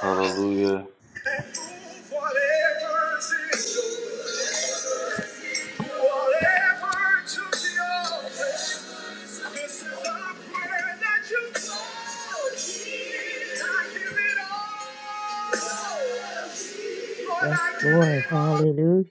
Hallelujah. Yes, Lord. Hallelujah.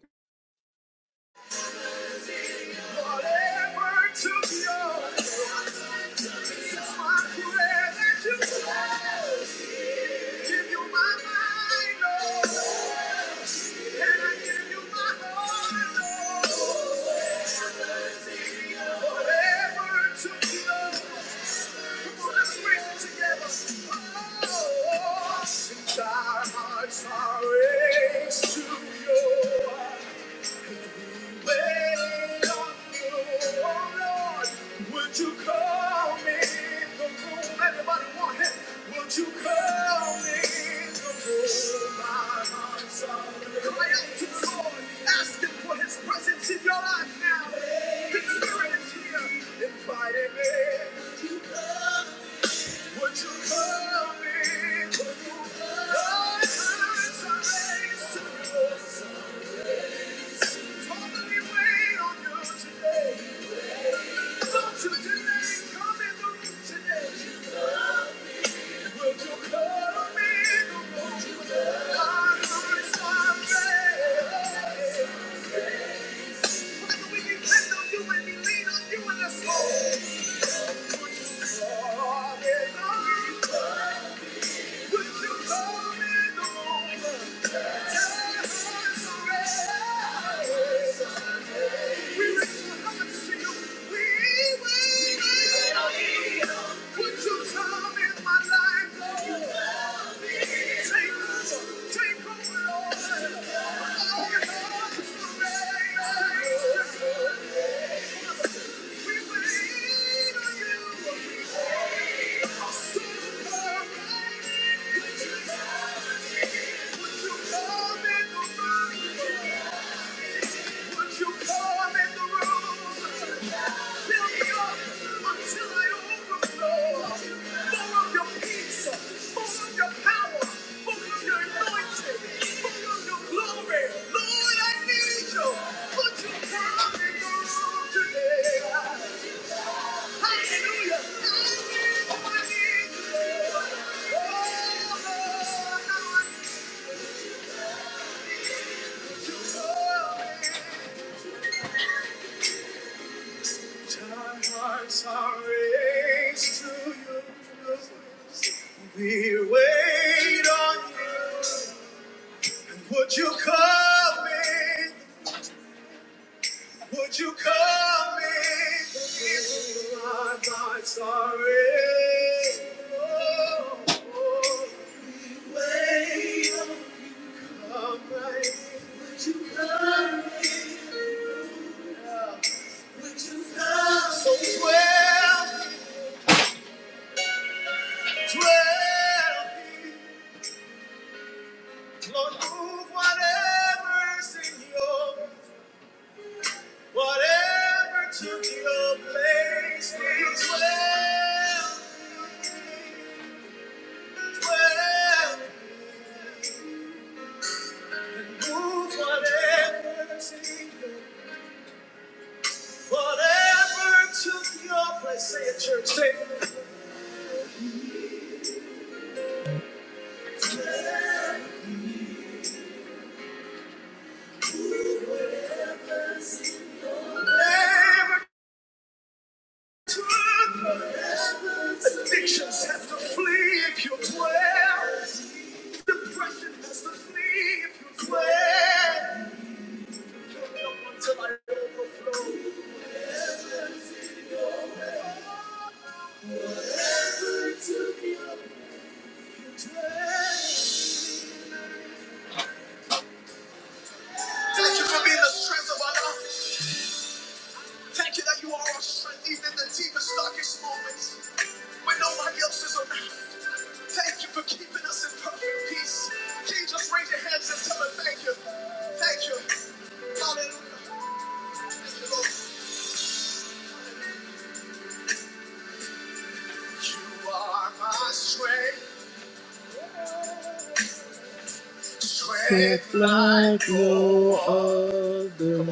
like no other. Come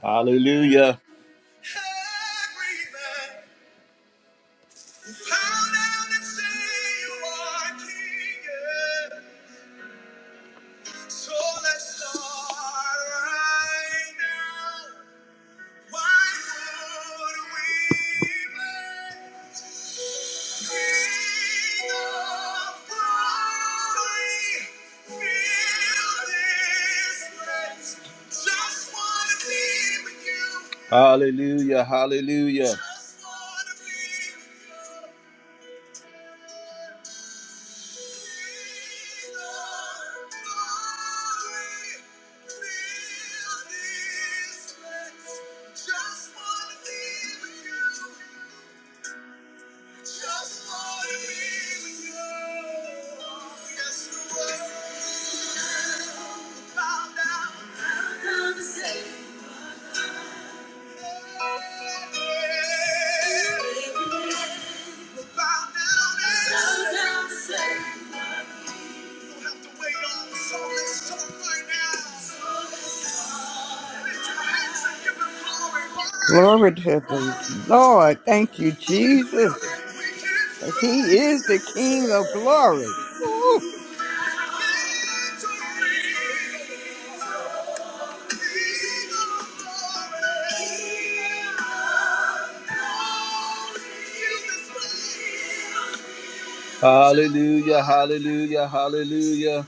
Hallelujah. Hallelujah, hallelujah, Glory to the Lord. Thank you, Jesus. Because he is the King of glory. Woo! hallelujah, hallelujah, hallelujah,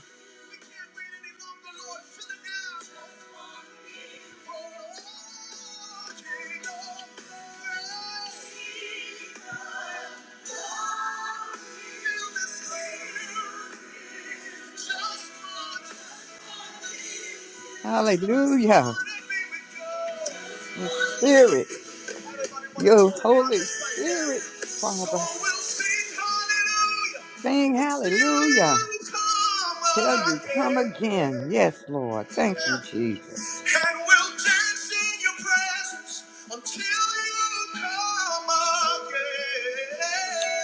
Hallelujah. His spirit, your Holy Spirit, Father. Sing hallelujah. Tell you, come again. Yes, Lord. Thank you, Jesus.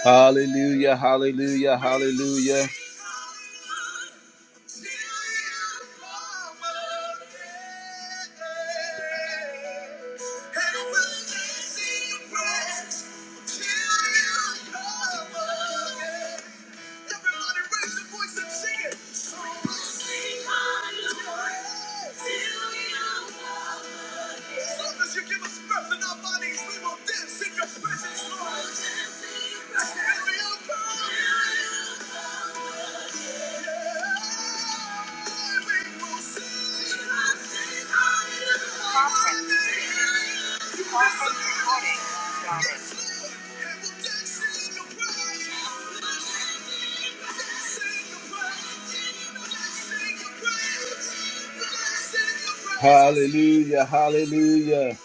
hallelujah, hallelujah, hallelujah, hallelujah.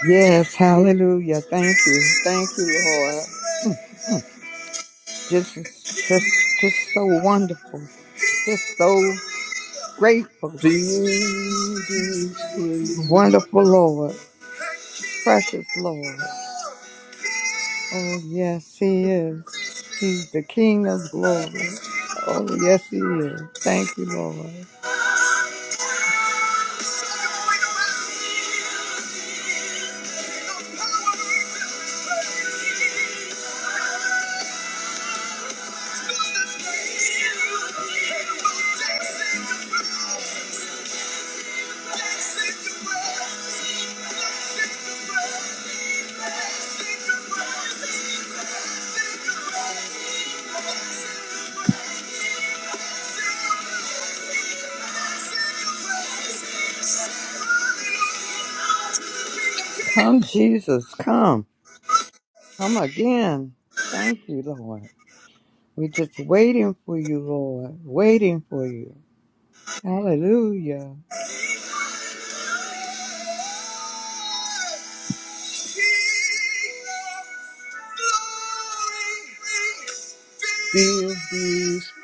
Yes, hallelujah. Thank you. Thank you, Lord. Just just just so wonderful. Just so grateful. Please, please. Wonderful Lord. Precious Lord. Oh, yes, He is. He's the King of glory. Oh, yes, He is. Thank you, Lord. Come, Jesus, come. Come again. Thank you, Lord. We're just waiting for you, Lord. Waiting for you. Hallelujah.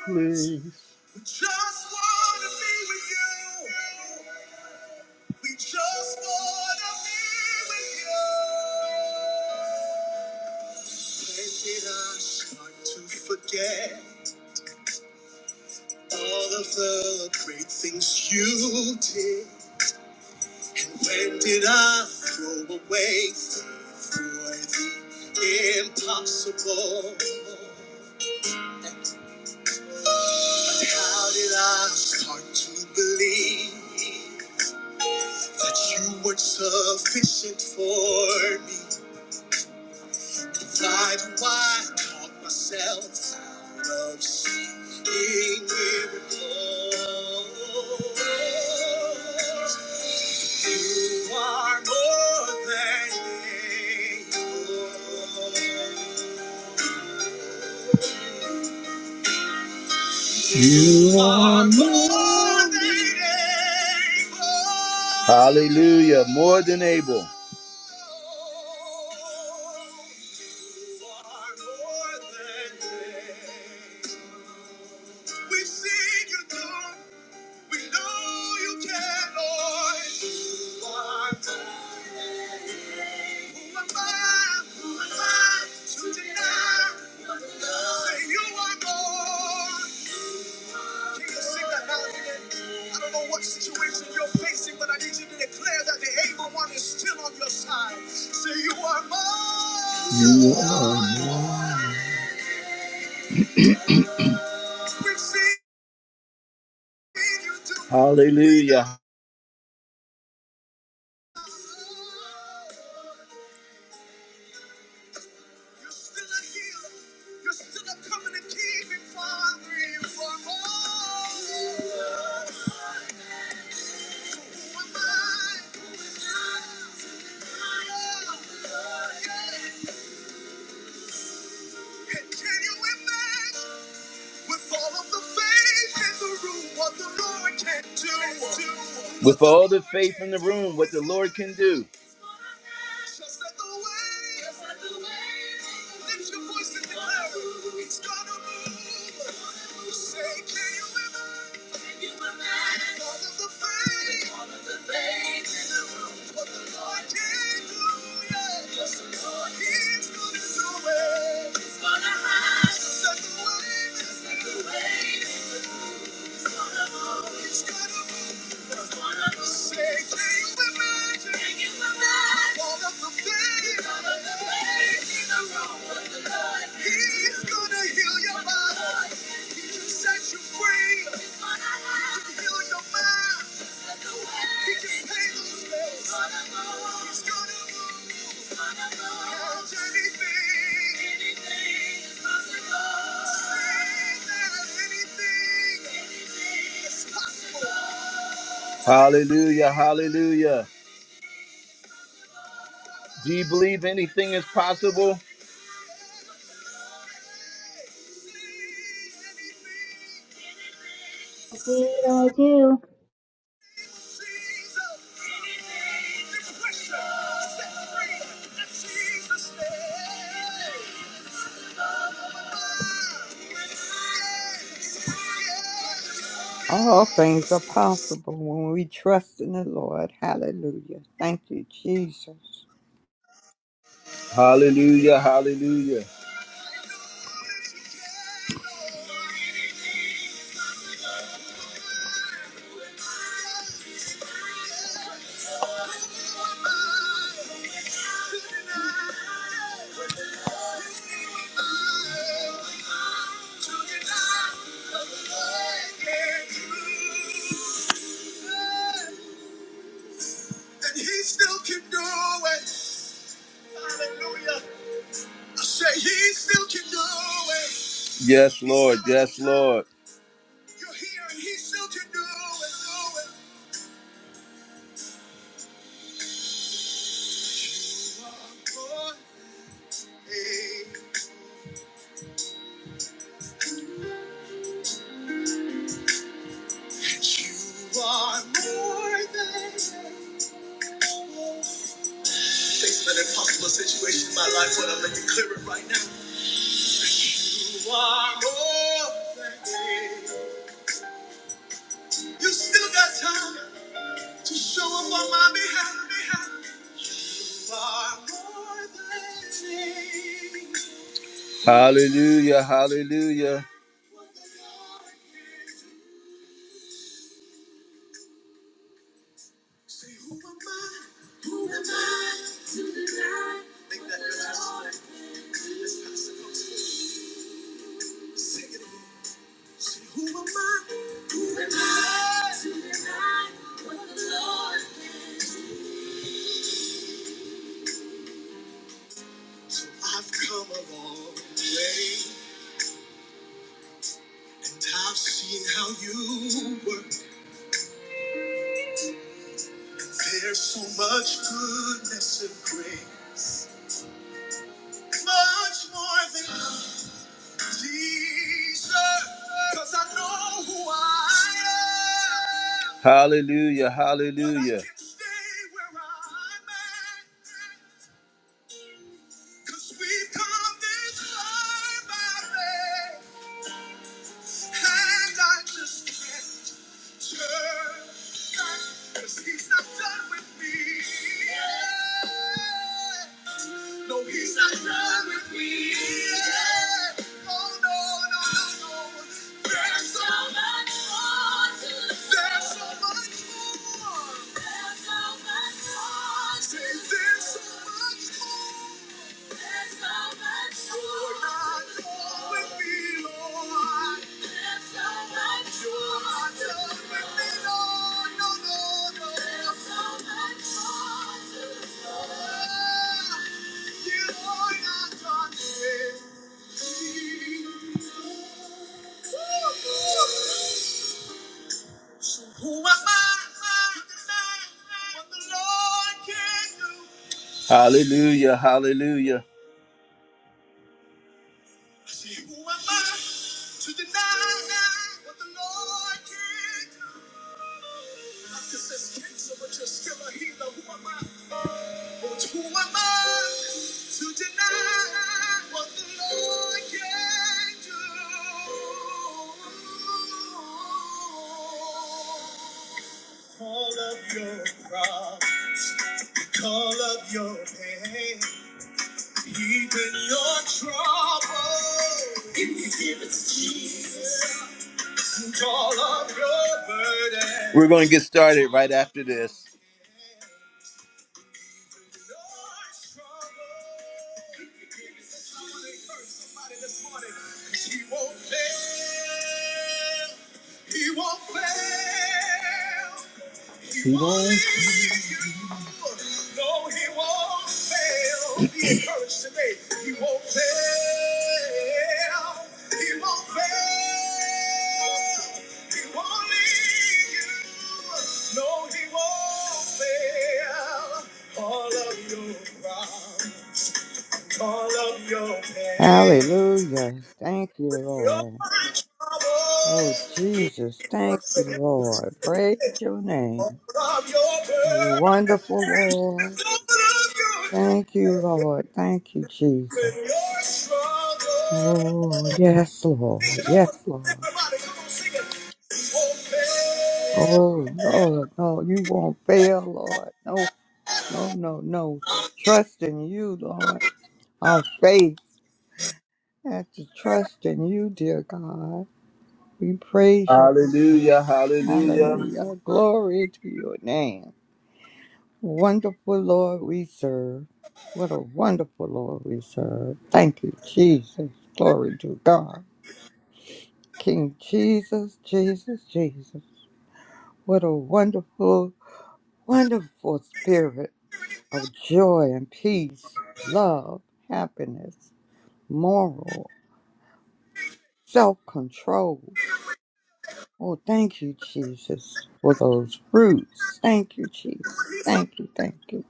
please. Hallelujah, more than able. Hallelujah. Go the room, what the Lord can do. Hallelujah, hallelujah. Do you believe anything is possible? Indeed, I do. All things are possible when we trust in the Lord. Hallelujah. Thank you, Jesus. Hallelujah, hallelujah. Yes, Lord. Yes, Lord. Hallelujah. Hallelujah. Hallelujah. Hallelujah. Hallelujah. Hallelujah. We're going to get started right after this. Hallelujah. Thank you, Lord. Oh, Jesus. Thank you, Lord. Praise your name. You wonderful Lord. Thank you, Lord. Thank you, Jesus. Oh, yes, Lord. Yes, Lord. Oh, Lord. No, you won't fail, Lord. No, no, no, no. Trust in you, Lord. Our faith has to trust in you, dear God. We praise you. Hallelujah. Hallelujah. Hallelujah. Glory to your name. Wonderful Lord we serve. What a wonderful Lord we serve. Thank you, Jesus. Glory to God. King Jesus, Jesus, Jesus. What a wonderful, wonderful spirit of joy and peace, love, happiness, moral, self control. Oh, thank you, Jesus, for those fruits. Thank you, Jesus. Thank you, thank you.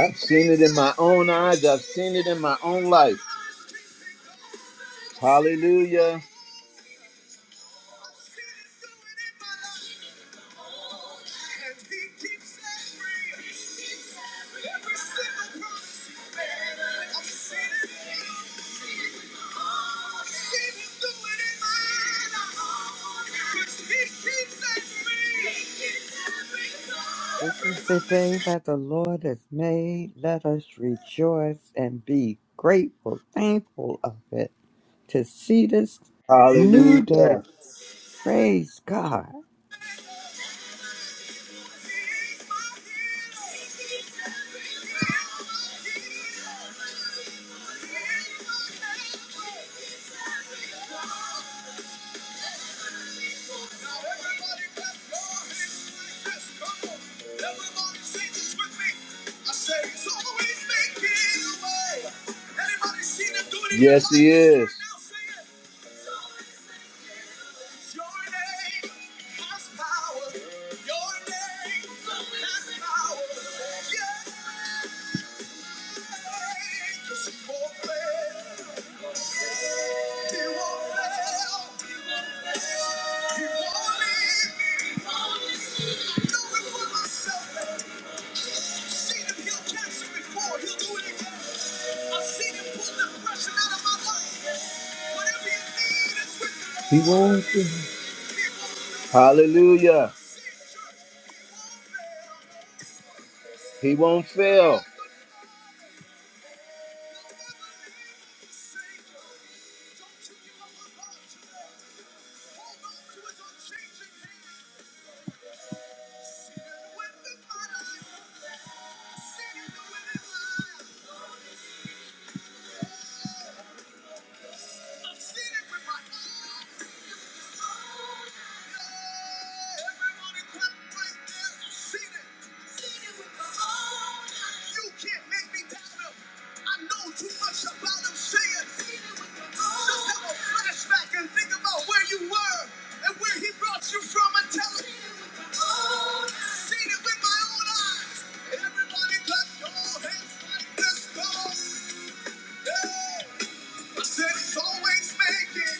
I've seen it in my own eyes. I've seen it in my own life. Hallelujah. This is the day that the Lord has made. Let us rejoice and be grateful, thankful of it to see this new day. Hallelujah. Praise God. Hallelujah. He won't fail.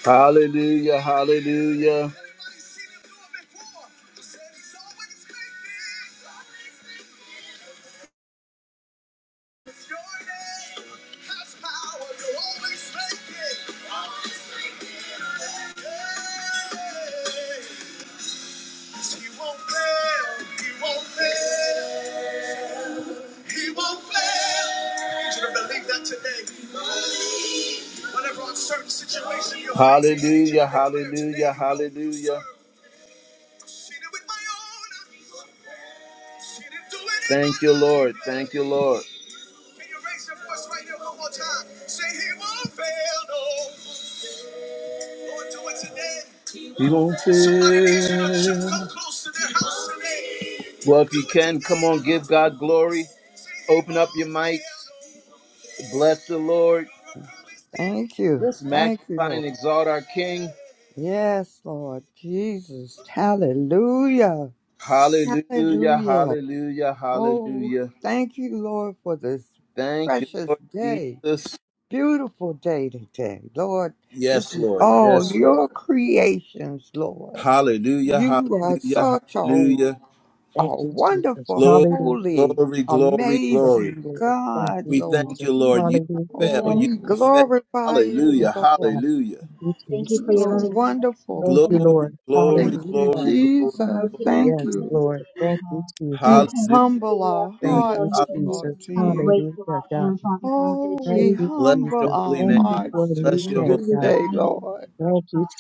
Hallelujah. Hallelujah. Thank you, Lord. He won't fail. Well, if you can, come on, give God glory. Open up your mic. Bless the Lord. Thank you. Let's Thank you, magnify and Lord. exalt our King. Yes, Lord Jesus. Hallelujah. Hallelujah, Hallelujah. hallelujah, Oh, hallelujah. thank you, Lord, for this Thank you, precious Lord day. Jesus. Beautiful day today, Lord. This Yes, is Lord. all Yes, your Lord. creations, Lord. Hallelujah, You are hallelujah, such a, hallelujah. Thank a you, Jesus. wonderful, Glory, Hallelujah. holy, glory, glory, Yes, glory. amazing Lord. Thank God, you, We Lord. thank you, Jesus. Lord. You Hallelujah. don't fail. Oh, Thank You we you. don't Lord. fail. glorify Hallelujah, you, Yes, Lord. God. hallelujah. Thank you, Thank you Jesus. for your You're loving kindness and wonderful, your Thank you, tender Glory, Lord. mercy for your Thank glory, grace you, and glory, Hallelujah. your glory, Jesus. mercy glory. is Thank Yes, through you. every Lord. day, O Thank you, God. I We Jesus. can't Hallelujah, do humble enough our to Thank hallelujah. tell you, you hearts, Hallelujah. enough Jesus. Lord, to how you. grateful Hallelujah, I God. am, Father God, Oh, that Thank we you you, Bless are your humble Jesus. holy our Thank name. in you me, for Father hearts the to God, new Bless that you your day, holy you this name. God. day, reside in Lord. me, Thank Father you, God.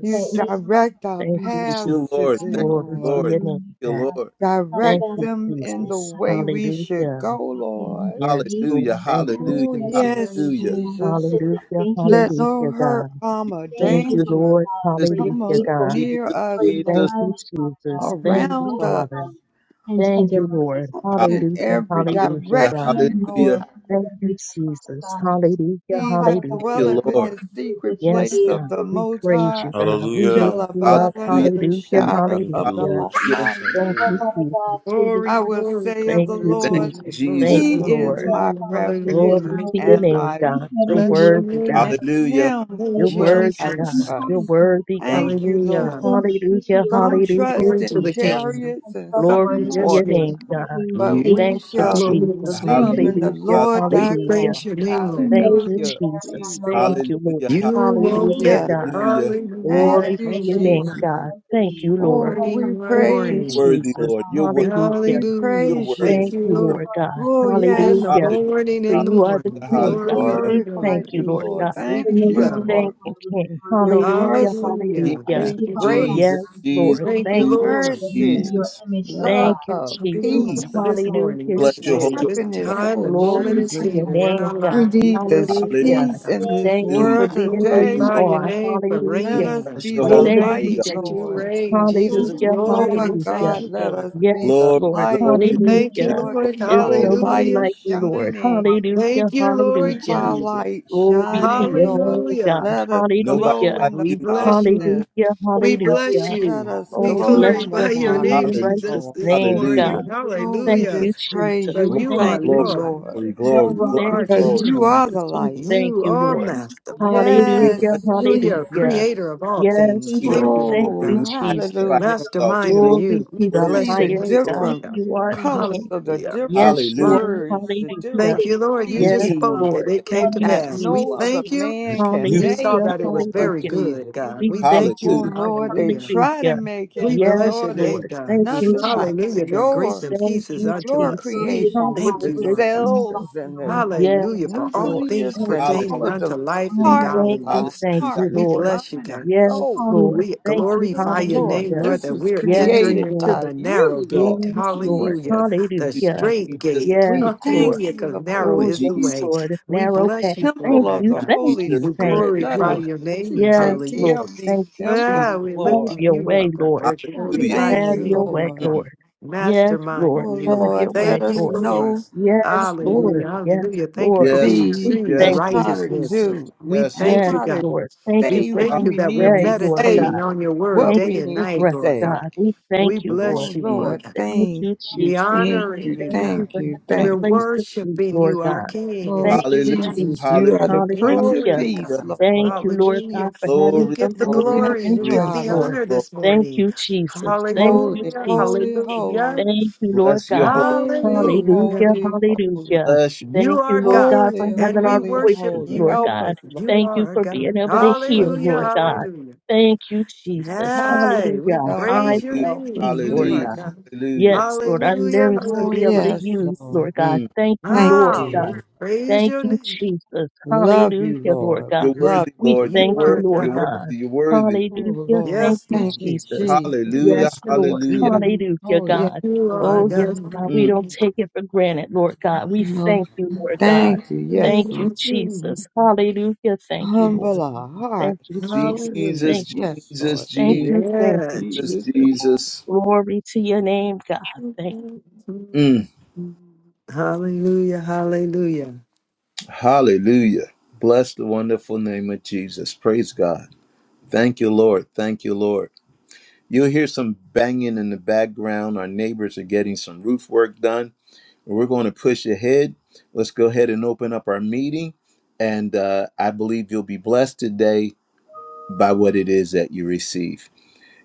You That is direct our Thank confirmed, my you, Thank God, you, paths the Lord. Jesus. one today, and Thank Glory only you, to Lord. true Lord. your Thank name, living you, God. God. Lord. Father Thank God, Direct you, I them know that I in am the Jesus. way we absolutely should Hallelujah. go, without you and I Lord. Yes, need Lord. Hallelujah. you Thank you, over Oh, Hallelujah. every Jesus. yes, area of my Hallelujah. life. I Jesus. just say Hallelujah. thank you Let so no Hallelujah, hurt, much. God. harm, or Thank Thank you, Jesus, you, Father danger Lord. God, Jesus, for your come Hallelujah, uh, Jesus, God. faithfulness, near Jesus. for us, your Thank Lord, Jesus. you, kindness, Father God, Jesus. for your Thank you, around loving us. Father. kindness and Thank tender you, mercies, Lord. Lord Hallelujah. in God, for Hallelujah. your every grace Hallelujah, Hallelujah. and God. your direction, Hallelujah. Lord. goodness in Thank you, every day, Father Jesus. God. Hallelujah. Now, He that Father God, Thank if you, Hallelujah. you dwelleth have in Lord. the nothing to do with what secret you Yes, place did, of God. you the We Most praise High you, will God. see We yet Hallelujah. lift shall another you up. abide day, under Hallelujah. Father. the I'm so Hallelujah. Hallelujah. shadow grateful. Thank of you, the Hallelujah. Lord Hallelujah. Jesus. Thank Almighty. Oh, you, Hallelujah. Father God, Jesus. through the Glory, I will trials, the glory, say of Thank the you, glory, tribulations, Thank Lord, you, glory, Jesus. the glory, Thank Jesus. He you, good and is Lord. my hallelujah, you Glory refuge hallelujah. are to your always and there. name, my You God. said in Your strength. your Bless word your word, that you work to name, God. In Lord. never leave Hallelujah. nor Him You're praise forsake you, will worthy, I And you Jesus. God. You're promised trust. us, worthy, Father. God. Thank you, You've been Hallelujah. so Lord. true to Hallelujah, your Some word, hallelujah, so trust Glory to in the faithful Jesus. King. and chariots and some Glory in trustworthy. to Yes, your horses Thank Lord. name, you God. for being my but You, we Thank faithful. the you, shall Hallelujah. glorious Jesus. this Hallelujah. believe Thank in you, morning. the Hallelujah, Father Lord God, for Hallelujah. We thy being hallelujah. God. praise your name, Lord. who Thank God. knows you, me Hallelujah, better than I Jesus. know Jesus. Thank myself, you, Lord. Hallelujah. Father God. You Oh, won't Thank Hallelujah, you, yeah. fail. God. Holy Hallelujah. Spirit, for Thank Hallelujah. guiding Glory and you, to Thank your you, correcting name, and Jesus. God. God. correcting Thank me. you, Oh, Lord. Oh, we Morning, Father my God, Thank I You're you, praise thank morning. you you. worthy, for Jesus. it Lord. You're all. worthy. Hallelujah. We Hallelujah. You're praise you. Thank worthy. Thank you, you, You're worthy. Lord. Lord Lord God. God, for Oh, without yes. In the Hallelujah. you, Lord. Hallelujah. morning, For in the Hallelujah. you are the I morning. We wouldn't King, Glory, God. be Hallelujah. here, God, We glorify God. thank you, Thank you, Lord you God. Lord. Thank for Thank you, We knowing me you, God. thank Lord, before you, for I was King. born in your my mother. Hallelujah, Jesus, merciful Hallelujah. hallelujah. Thank you, Thank you, Father Lord. God, Jesus, Yes, for grace, being Jesus, Lord. Thank fearfully and you, Thank Jesus, you, wonderfully Lord. made in mercy, Jesus. your Jesus. image, O God. Thank love, you, Thank you, Jesus. Hallelujah. For Father peace, this God, Hallelujah, We morning, for the this Bless your shout, day, holy Jesus. this name, happiness. God. time Oh, and Thank moment Glory you and for to Jesus. your the season in name, our word, We God. Lord. lives, we need bless this you, Hallelujah. Hallelujah. Lord peace God. There in this he Thank you for ruled world We from being who today, you hallelujah. Glorify your are. Sheffield, Lord. name for We Let Hallelujah. reigning. us God. bless be your We holy the Thank saving thank name, you, you light, God. him that you Lord. Jesus. reign. Jesus These is with Hallelujah, Oh, the Lord, and Lord we thank hallelujah. God, transformation you let for of it. us the be power, Yes, the Glory, Lord. from light. glory, We thank renewing to you, glory, Hallelujah. Lord, glory, Lord. power keep There's and our glory. nobody glory. renewing light Hallelujah. the like you, Lord. mind and shining. more power, Hallelujah, Thank you, for Lord Keep hallelujah. our changing Jesus. light the Glory Yeah. process to shining, your of the Lord. name, power, Hallelujah. God. Let us to Nobody glow Hallelujah. shift like in the the We you, thought Lord. bless you. darkness. Hallelujah, the We way you bless hallelujah. live Let you. us out We and Oh, you glow bless in want the glorify your to your Hallelujah. holy be name, darkness, and with Hallelujah. the righteous Jesus, Lord. Lord. this name, God. Hallelujah. morning. Thank you, Lord, for Lord, we Thank your Hallelujah. you, love. just praise Jesus. For you. We Glory, you Thank are thank you, you, glory, Lord. Lord, There glory, is Jesus. no glory, You glory, wrong are Thank because you, in glory. you King. are the Jesus. We you. light. thank You you, are Lord. Thank you Master. for every We good Hallelujah, bless Yes, you, God. Hallelujah. hallelujah. Jesus. Creator of thing. all Yes, things. Thank We you give Lord. Thank you, for you Thank Lord my Oh, glory. you, God. We heart. Jesus. magnify you, hallelujah. God. To Mastermind are you alone Glory you. We to I the worthy see bless of your the highest name, praise and Lord God. honor. Thank different God. You you are for the the colors King. of the Hallelujah. different Yes, you Hallelujah. Thank are. you birds, for the what you Hallelujah. Thank different sit you, Lord. You Father, You Yes, just as can well. spoke species and Lord. it The Thank came one to and you, that only pass. We no true Jesus. other thank living you. man God. can you You saw make, Hallelujah. that it was Lord very Hallelujah. good, Jesus. Thank God. you, We We Lord thank God, thank you, Oh, for you. hallelujah. Lord. your Lord, word. they Hallelujah. try to Hallelujah. make it, We Thank you, but bless Yes, your Lord, it's name, Lord. God. for Thank the Mm. you, word of nothing God. like Jesus. Hallelujah. That grace your and Thank peace is Thank you, you. unto your us. Jesus. Lord, We as I creations with have thank the you, Hallelujah, breath Lord God. in my Jesus. cells body, and Lord the God. Hallelujah Yes, for all Lord. Thank you, things nucleus for Thank the and you, Hallelujah. God. all pertaining of the unto Jesus. life and heart with Thank you, Hallelujah. our I'm godliness. thank you, heart We and Lord. bless you, mind God. and Yes, soul. Hallelujah. Lord. We Thank you, Oh, glorify your Lord, name, hallelujah. Lord, this that was we're Yes, entering created into Lord. by the narrow you, Yes, gate. Lord Lord. Hallelujah. Jesus. The Thank Hallelujah. straight you, Jesus. gate. Yes, Thank We you, Lord. thank Hallelujah. Jesus. Thank Because you, Lord. narrow you, Oh, is the yes, way. Jesus. Lord. a We Narrow A bless path. you for Thank temple of that, you. Thank the you, God. Thank Holy Jesus. you. We Thank Spirit. you, Let glorify us Lord. your t- name. Yes, take Hallelujah. care Lord. of these Thank you, Ah, temples, Jesus. we Have Lord. lifting your you way, up, God. Lord. We're Oh, Just Hallelujah. glorifying thank your have you, your name, my way, Lord. God. Mm. Lord. Yes, Mastermind Lord. in Oh, you. Have your Lord, Thank way, let you, us Lord. Lord. know how Yes, to Lord. Hallelujah. Yes, Hallelujah. Thank you for Lord. Yes, being be We trees, and yes, thank Lord. you, how to righteousness. Yes, Lord. Jesus. do We Yes, and Lord. thank Yes, you, how to God. Lord. Thank We you say for thank when this you we that we're need to day, Lord Hallelujah. say meditating God. on your word what Thank day we Hallelujah. you and for need night, to breath, Lord say. God. God. We We thank you, Lord. bless Oh you, Mm. Lord Lord, Thank thank you, you, we Jesus. thank honoring you, you, Thank you God. thank for you, having a We're thank place you. to sleep, worshiping Lord you, our God. King, in Thank Oh spirit you, and Hallelujah. in Jesus, Jesus. you truth. Hallelujah. are the Prince of Glory Hallelujah. to Peace, Hallelujah. God. Thank Lord. you, Lord Hallelujah. God, for You having Glory, get the something Oh glory, to eat yes, glory. and You you glory, get drink, glory, are, the Lord. Lord. honor this glory. Thank morning. you, Jesus. Thank you, Holy, Hallelujah. Jesus. holy, holy, Hallelujah. Thank you, Lord Bless your God. holy name, Lord. holy, Hallelujah. Hallelujah. holy, holy, Hallelujah. Bless you. You Thank you, are Lord God, God, for holy, and having we our holy, worship voices, Mm. holy. Lord you. Help us, God. Lord. You Thank you are for being God. able to Help hear, us, Hallelujah. Lord Lord. God. Hallelujah. Thank you, Jesus. Help us, Hey, we Hallelujah. help praise Eyes us, your to Hallelujah. help name. see, us, You Lord are Hallelujah. God Jesus. God. Hallelujah. Yes, Lord, our Hallelujah. limbs to Oh be able Hallelujah. to yes, use, Lord. Lord Mm. God. Thank you, Thank Ah, Lord you, God. we Lord. praise Thank your you, name. Jesus. Love you, Hallelujah, Lord Lord. God. We You're love worthy, you, We Lord. Lord. You're You thank you, are worthy. Lord You're God. God. worthy. You're worthy. Oh Hallelujah. Lord, Thank Yes, you, Lord. thank you, Jesus. Jesus. We Hallelujah. Yes, worship Lord. Hallelujah. You Hallelujah, Oh Hallelujah. yes, God. You are Oh, Lord. yes, God. God. We Mm. don't take it for granted, Lord God. We Oh, thank you, Lord God. Praise thank you, yes, Thank you, Lord. Jesus. you. Hallelujah. Thank you, Lord. Humble our Thank you, hearts. Jesus. Jesus, Hallelujah. Thank you. Yes, Jesus, Lord. Thank Jesus, you. Jesus, Thank you, Yes. Jesus. Jesus. Jesus. Jesus. Glory to your name, God. Thank Mm. Hallelujah. Hallelujah. Hallelujah. Bless the wonderful name of Jesus. Praise God. Thank you, Lord. Thank you, Lord. You'll hear some banging in the background. Our neighbors are getting some roof work done. We're going to push ahead. Let's go ahead and open up our meeting. And uh, I believe you'll be blessed today by what it is that you receive.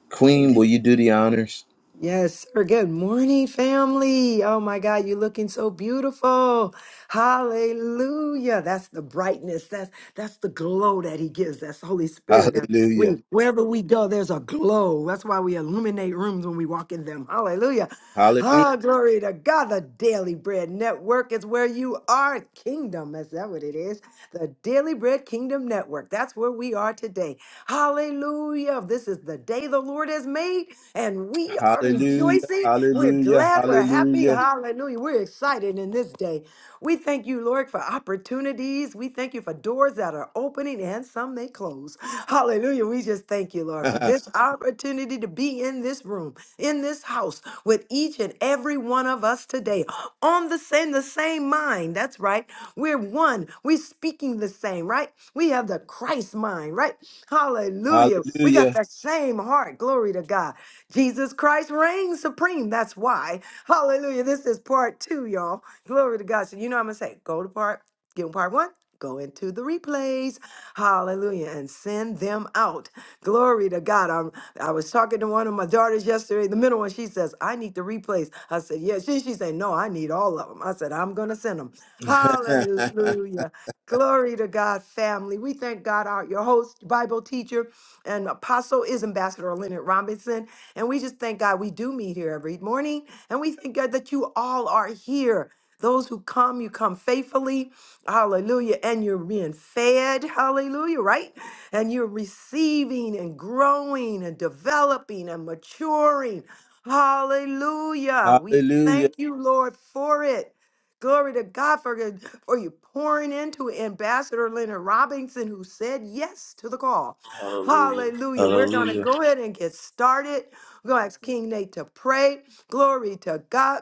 Queen, will you do the honors? Yes, sir. Good morning, family. Oh my God, you're looking so beautiful. Hallelujah. That's the brightness. That's that's the glow that he gives. That's the Holy Spirit. That Hallelujah. we wherever we go, there's a glow. That's why we illuminate rooms when we walk in them. Hallelujah. Hallelujah. Ah, glory to God. The Daily Bread Network is where you are. Kingdom. Is that what it is? the Daily Bread Kingdom Network. That's where we are today. Hallelujah. This is the day the Lord has made, and we are Hallelujah. rejoicing. We're Hallelujah. glad. We're happy. Hallelujah. Hallelujah. We're excited in this day. We thank you, Lord, for opportunities. We thank you for doors that are opening and some they close. Hallelujah. We just thank you, Lord, for this opportunity to be in this room, in this house, with each and every one of us today on the same, the same mind. That's right. We're one. We're speaking the same, right? We have the Christ mind, right? Hallelujah. We got Hallelujah. the same heart. Glory to God. Jesus Christ reigns supreme. That's why. Hallelujah. This is part two, y'all. Glory to God. So you know what I'm gonna say. Go to part Give them part one. Go into the replays. Hallelujah. And send them out. Glory to God. I'm, I was talking to one of my daughters yesterday, the middle one. She says, I need the replays. I said, Yes. She, she said, No, I need all of them. I said, I'm going to send them. Hallelujah. Glory to God, family. We thank God, our your host, Bible teacher, and apostle is Ambassador Leonard Robinson. And we just thank God we do meet here every morning. And we thank God that you all are here. Those who come, you come faithfully. Hallelujah. And you're being fed. Hallelujah. Right? And you're receiving and growing and developing and maturing. Hallelujah. We Hallelujah. thank you, Lord, for it. Glory to God for, your- for you pouring into Ambassador Leonard Robinson, who said yes to the call. Hallelujah. Hallelujah. We're going to Hallelujah. go ahead and get started. We're going to ask King Nate to pray. Glory to God.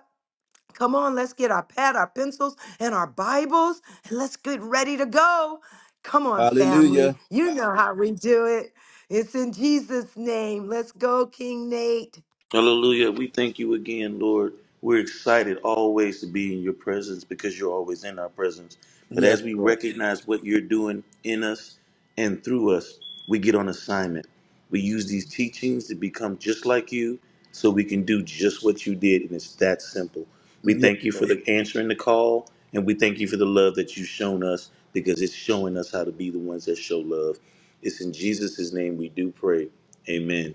Come on, let's get our pad, our pencils, and our Bibles, and let's get ready to go. Come on, family. Hallelujah. You know how we do it. It's in Jesus' name. Let's go, King Nate. Hallelujah. We thank you again, Lord. We're excited always to be in your presence because you're always in our presence. But Yes, as we Lord. recognize what you're doing in us and through us, we get on assignment. We use these teachings to become just like you so we can do just what you did, and it's that simple. We Yeah. thank you for the answering the call, and we thank you for the love that you've shown us because it's showing us how to be the ones that show love. It's in Jesus' name we do pray. Amen.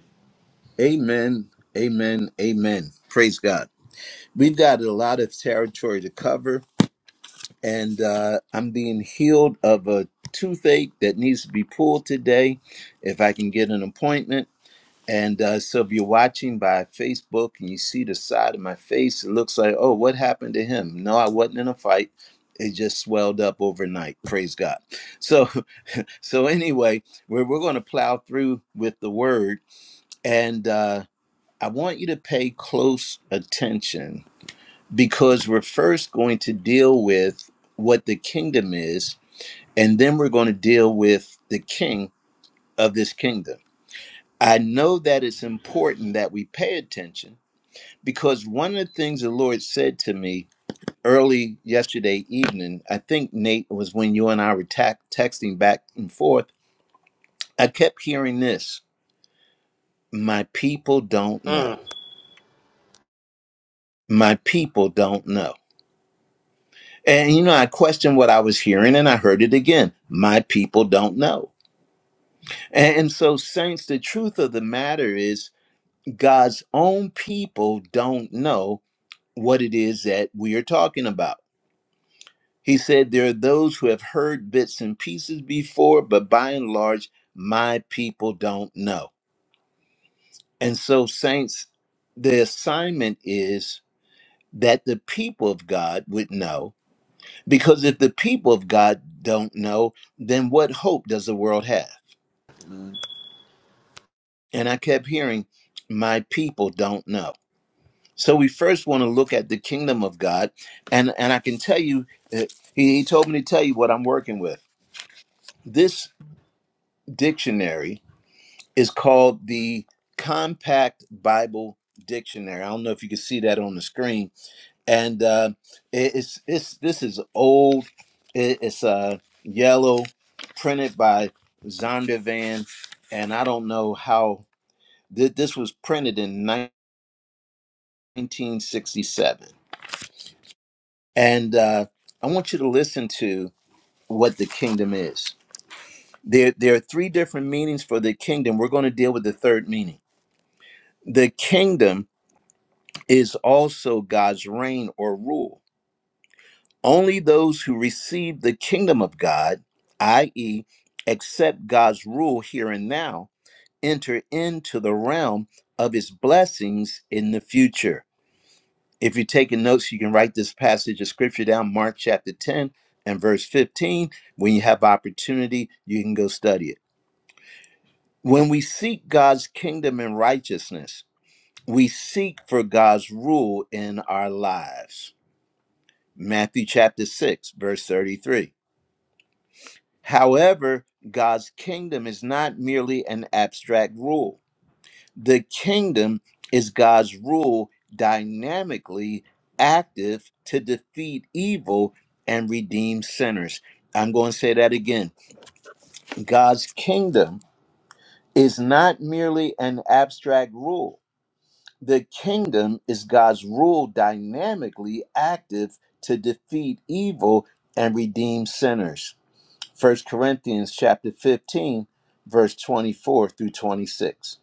Amen. Amen. Amen. Praise God. We've got a lot of territory to cover, and uh, I'm being healed of a toothache that needs to be pulled today. If I can get an appointment, And uh, so if you're watching by Facebook and you see the side of my face, it looks like, oh, what happened to him? No, I wasn't in a fight. It just swelled up overnight. Praise God. So, so anyway, we're, we're going to plow through with the word. And uh, I want you to pay close attention because we're first going to deal with what the kingdom is, and then we're going to deal with the king of this kingdom. I know that it's important that we pay attention because one of the things the Lord said to me early yesterday evening, I think Nate was when you and I were ta- texting back and forth. I kept hearing this: "My people don't know. My people don't know." And you know, I questioned what I was hearing, and I heard it again: "My people don't know." And, and so, saints, the truth of the matter is, God's own people don't know what it is that we are talking about. He said, There are those who have heard bits and pieces before, but by and large, my people don't know. And so, saints, the assignment is that the people of God would know, because if the people of God don't know, then what hope does the world have? And I kept hearing, My people don't know. So we first want to look at the kingdom of God, and and I can tell you, uh, he, he told me to tell you what I'm working with. This dictionary is called the Compact Bible Dictionary. I don't know if you can see that on the screen, and uh, it- it's it's this is old. It- It's uh, yellow, printed by Zondervan, and I don't know how th- this was printed in 1967. And uh, I want you to listen to what the kingdom is. There, there are three different meanings for the kingdom. We're going to deal with the third meaning. The kingdom is also God's reign or rule. Only those who receive the kingdom of God, i.e., accept God's rule here and now, enter into the realm of his blessings in the future. If you're taking notes, you can write this passage of scripture down, Mark chapter 10 and verse 15. When you have opportunity, you can go study it. When we seek God's kingdom and righteousness, we seek for God's rule in our lives Matthew chapter 6, verse 33. However, God's kingdom is not merely an abstract rule, the kingdom is God's rule dynamically active to defeat evil and redeem sinners. I'm going to say that again. God's kingdom is not merely an abstract rule. The kingdom is God's rule dynamically active to defeat evil and redeem sinners. First Corinthians chapter 15, verse 24 through 26.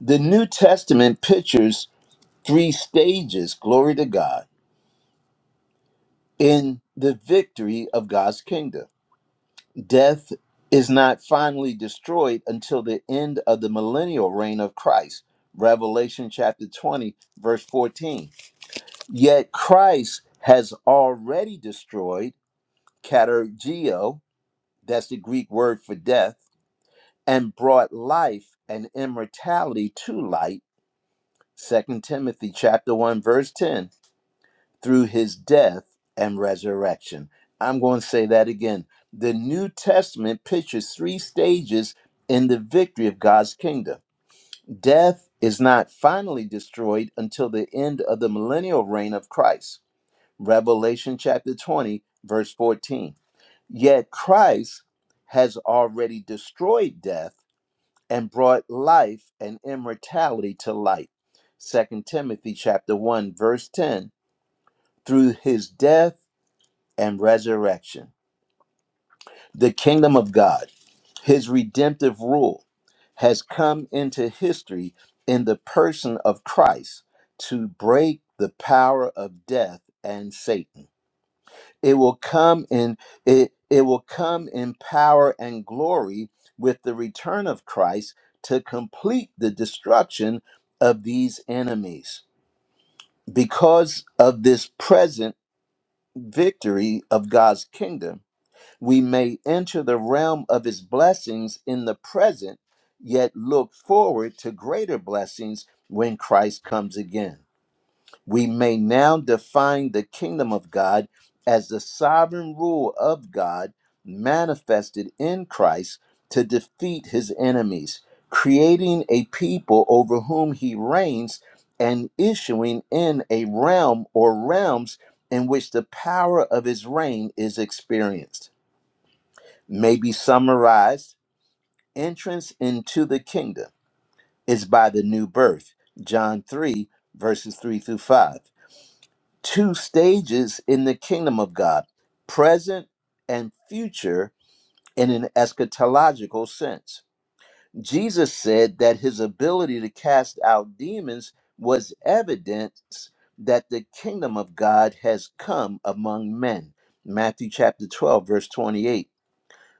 The New Testament pictures three stages, glory to God, in the victory of God's kingdom. Death is not finally destroyed until the end of the millennial reign of Christ. Revelation chapter 20, verse 14. Yet Christ has already destroyed katergeo, that's the Greek word for death and brought life and immortality to light Second timothy chapter 1 verse 10 through his death and resurrection i'm going to say that again the new testament pictures three stages in the victory of god's kingdom death is not finally destroyed until the end of the millennial reign of christ revelation chapter 20 verse 14 yet christ has already destroyed death and brought life and immortality to light. Second Timothy chapter 1 verse 10 through his death and resurrection. The kingdom of God, his redemptive rule has come into history in the person of Christ to break the power of death and Satan. it will come in it it will come in power and glory with the return of Christ to complete the destruction of these enemies because of this present victory of God's kingdom we may enter the realm of his blessings in the present yet look forward to greater blessings when Christ comes again we may now define the kingdom of God as the sovereign rule of God manifested in Christ to defeat his enemies, creating a people over whom he reigns and issuing in a realm or realms in which the power of his reign is experienced. May be summarized entrance into the kingdom is by the new birth, John 3, verses 3 through 5 two stages in the kingdom of God present and future in an eschatological sense. Jesus said that his ability to cast out demons was evidence that the kingdom of God has come among men. Matthew chapter 12, verse 28.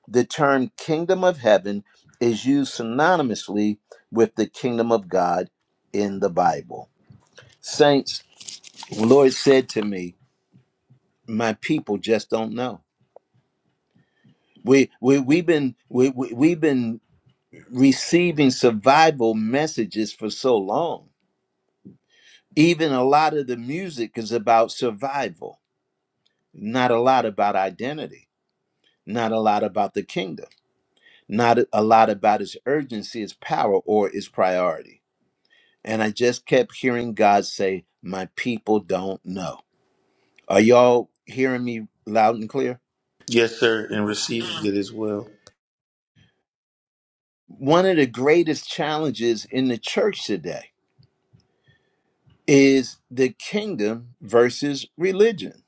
The term kingdom of heaven is used synonymously with the kingdom of God in the Bible. Saints, the Lord said to me, my people just don't know. We we we've been we, we we've been receiving survival messages for so long. Even a lot of the music is about survival, not a lot about identity, not a lot about the kingdom, not a lot about its urgency, its power, or its priority. And I just kept hearing God say, "My people don't know." Are y'all hearing me loud and clear? Yes, sir, and receives it as well. One of the greatest challenges in the church today is the kingdom versus religion.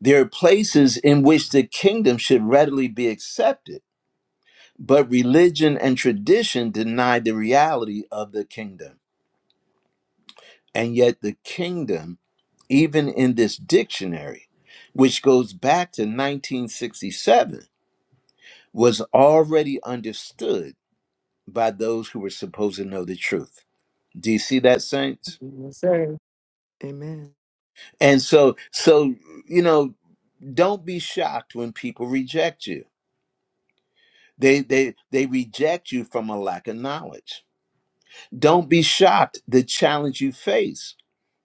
There are places in which the kingdom should readily be accepted, but religion and tradition deny the reality of the kingdom. And yet, the kingdom, even in this dictionary, which goes back to 1967, was already understood by those who were supposed to know the truth. Do you see that, saints? Yes, sir. Amen. And so, so you know. Don't be shocked when people reject you. They they they reject you from a lack of knowledge. Don't be shocked the challenge you face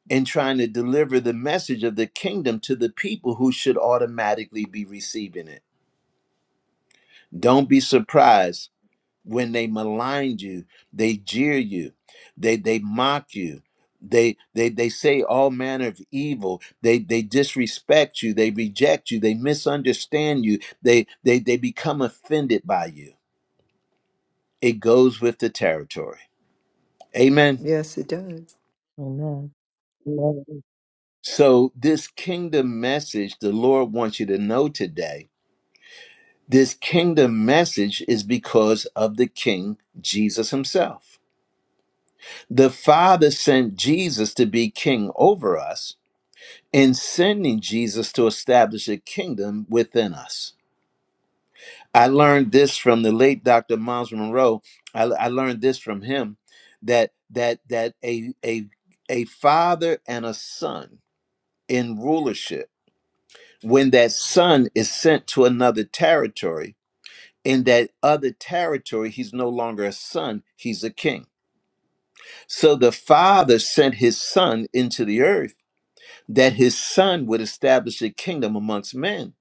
in trying to deliver the message of the kingdom to the people who should automatically be receiving it. Don't be surprised when they maligned you they jeer you they they mock you they they they say all manner of evil they they disrespect you they reject you they misunderstand you they they they become offended by you it goes with the territory amen Yes, it does. Amen. Amen. so this kingdom message the lord wants you to know today this kingdom message is because of the king jesus himself the father sent jesus to be king over us in sending Jesus to establish a kingdom within us. I learned this from the late Dr. Miles Monroe. I, I learned this from him that that that a a a father and a son in rulership, when that son is sent to another territory, in that other territory, he's no longer a son, he's a king. So the father sent his son into the earth that his son would establish a kingdom amongst men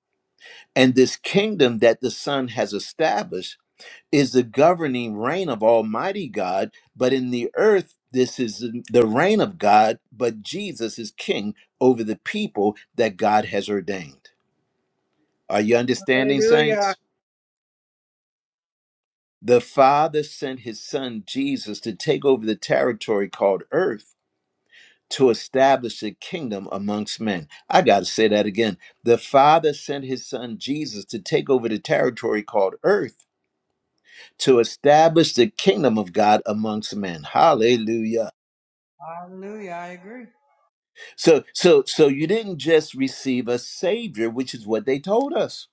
And this kingdom that the Son has established is the governing reign of Almighty God. But in the earth, this is the reign of God, but Jesus is king over the people that God has ordained. Are you understanding, Hallelujah. saints? The Father sent his Son Jesus to take over the territory called earth to establish a kingdom amongst men. I got to say that again. The Father sent his Son Jesus to take over the territory called earth to establish the kingdom of God amongst men. Hallelujah. Hallelujah. I agree. So so so you didn't just receive a savior, which is what they told us.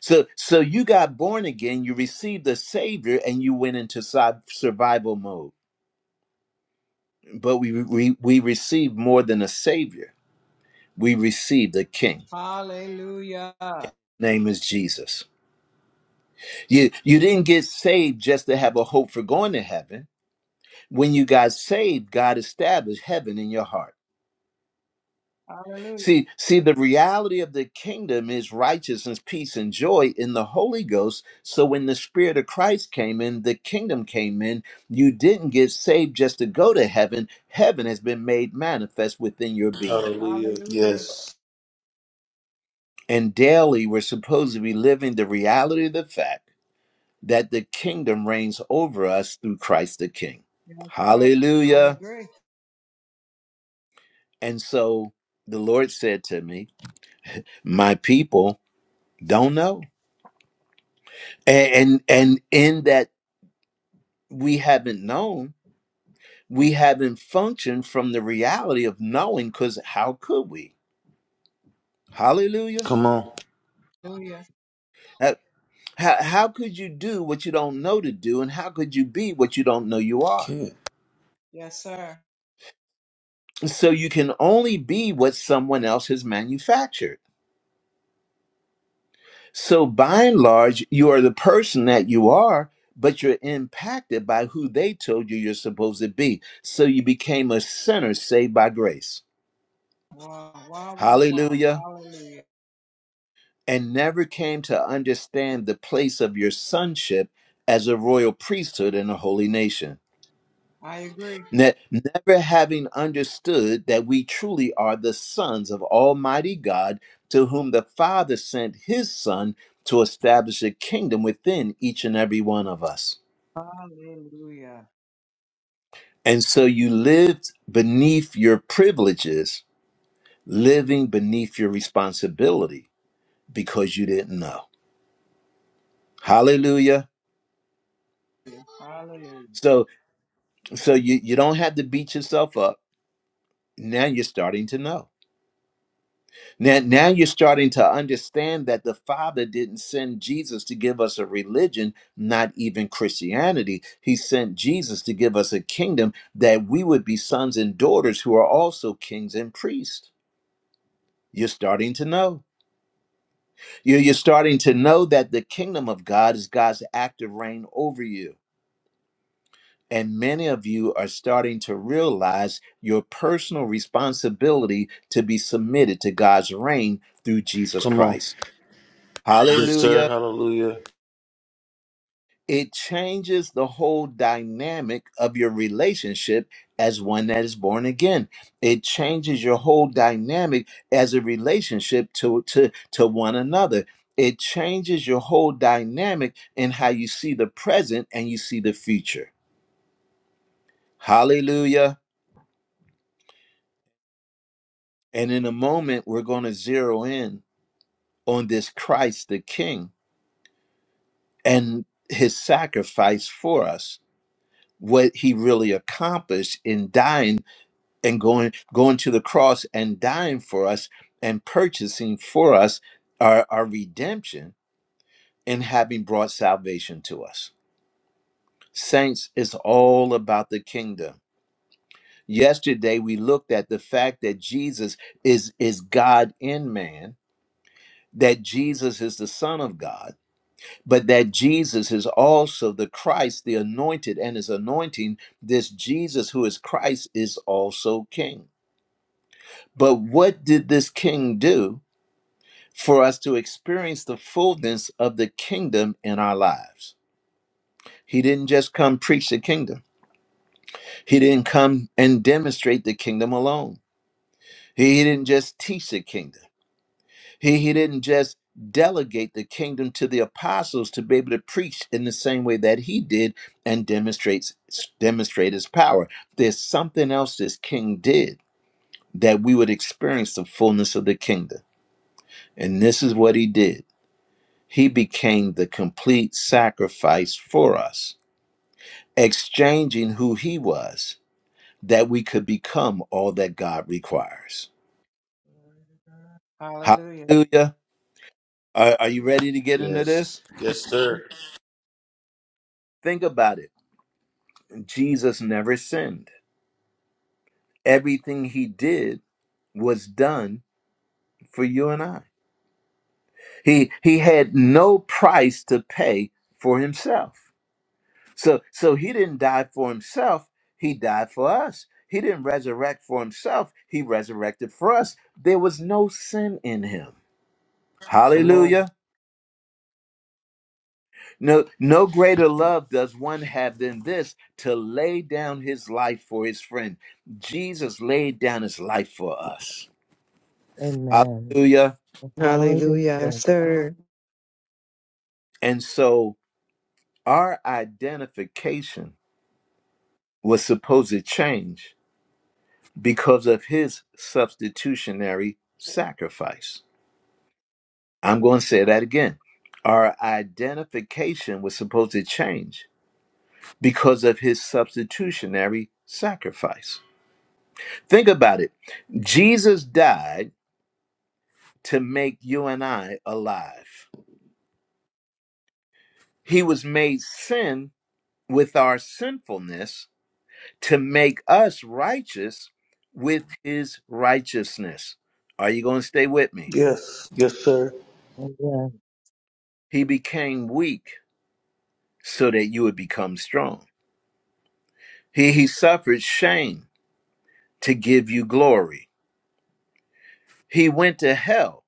So so you got born again, you received a savior and you went into si- survival mode. But we we we received more than a savior. We received a king. Hallelujah. Name is Jesus. You you didn't get saved just to have a hope for going to heaven. When you got saved, God established heaven in your heart. Hallelujah. See, see, the reality of the kingdom is righteousness, peace, and joy in the Holy Ghost. So when the Spirit of Christ came in, the kingdom came in, you didn't get saved just to go to heaven. Heaven has been made manifest within your being. Hallelujah. Hallelujah. Yes. And daily, we're supposed to be living the reality of the fact that the kingdom reigns over us through Christ the King. Yes, sir. I Hallelujah. agree. And so the Lord said to me, My people don't know and and and in that we haven't known we haven't functioned from the reality of knowing because how could we hallelujah Come on. Hallelujah. Uh, how, how could you do what you don't know to do and how could you be what you don't know you are Can't. Yes, sir. so you can only be what someone else has manufactured so by and large you are the person that you are but you're impacted by who they told you you're supposed to be so you became a sinner saved by grace Wow, wow, wow, hallelujah wow. Hallelujah. and never came to understand the place of your sonship as a royal priesthood and a holy nation. I agree. Ne- never having understood that we truly are the sons of Almighty God, to whom the Father sent his Son to establish a kingdom within each and every one of us. Hallelujah. And so you lived beneath your privileges, living beneath your responsibility because you didn't know. Hallelujah. Hallelujah. So. So you you don't have to beat yourself up. Now you're starting to know. Now now you're starting to understand that the Father didn't send Jesus to give us a religion, not even Christianity. He sent Jesus to give us a kingdom that we would be sons and daughters who are also kings and priests. You're starting to know. You- are You're starting to know that the kingdom of God is God's active reign over you And many of you are starting to realize your personal responsibility to be submitted to God's reign through Jesus Come on. Christ. Yes, sir. Hallelujah. Hallelujah. It changes the whole dynamic of your relationship as one that is born again. It changes your whole dynamic as a relationship to, to, to one another. It changes your whole dynamic in how you see the present and you see the future. Hallelujah. And in a moment, we're going to zero in on this Christ the King and his sacrifice for us, what he really accomplished in dying and going, going to the cross and dying for us and purchasing for us our, our redemption and having brought salvation to us. Saints, it's all about the kingdom. Yesterday, we looked at the fact that Jesus is, is God in man, that Jesus is the Son of God but that Jesus is also the Christ, the anointed, and his anointing, this Jesus who is Christ is also king. But what did this king do for us to experience the fullness of the kingdom in our lives? He didn't just come preach the kingdom, he didn't come and demonstrate the kingdom alone, he he didn't just teach the kingdom. He, he didn't just delegate the kingdom to the apostles to be able to preach in the same way that he did and demonstrates demonstrate his power. There's something else this king did that we would experience the fullness of the kingdom. And this is what he did. He became the complete sacrifice for us, exchanging who he was that we could become all that God requires. Hallelujah. Hallelujah. Are, are you ready to get into Yes. this? Yes, sir. Think about it Jesus never sinned. Everything he did was done for you and I. He he had no price to pay for himself. So so he didn't die for himself, he died for us. He didn't resurrect for himself, he resurrected for us. There was no sin in him. Come on. Hallelujah. No no greater love does one have than this to lay down his life for his friend. Jesus laid down his life for us. Amen. Hallelujah. Hallelujah. Yes, Hallelujah. sir. And so our identification was supposed to change because of his substitutionary sacrifice. I'm going to say that again. Our identification was supposed to change because of his substitutionary sacrifice. Think about it. Jesus died to make you and I alive. He was made sin with our sinfulness to make us righteous with his righteousness. Are you going to stay with me? Yes. Yes, sir. Amen. He became weak so that you would become strong. He, he suffered shame to give you glory. He went to hell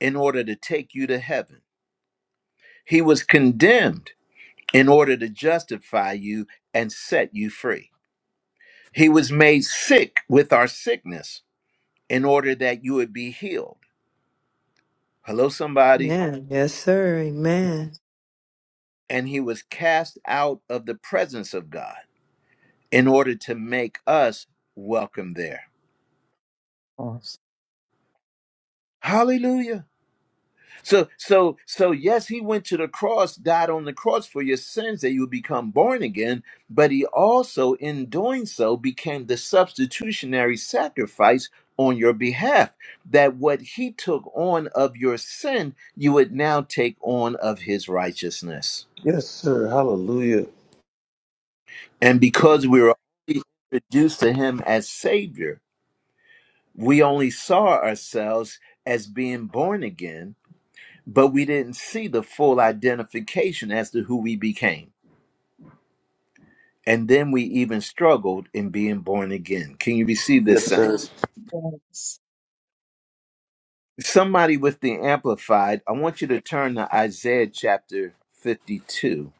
in order to take you to heaven. He was condemned in order to justify you and set you free. He was made sick with our sickness in order that you would be healed. Hello, somebody. Amen. Yes, sir. Amen. and he was cast out of the presence of God in order to make us welcome there. Awesome. Hallelujah. So so so yes, he went to the cross, died on the cross for your sins that you would become born again, but he also in doing so became the substitutionary sacrifice on your behalf that what he took on of your sin, you would now take on of his righteousness. Yes, sir. Hallelujah. And because we were introduced to him as savior, We only saw ourselves as being born again, but we didn't see the full identification as to who we became. And then we even struggled in being born again. Can you receive this, Yes, sir. saints? Yes. Somebody with the Amplified, I want you to turn to Isaiah chapter 52,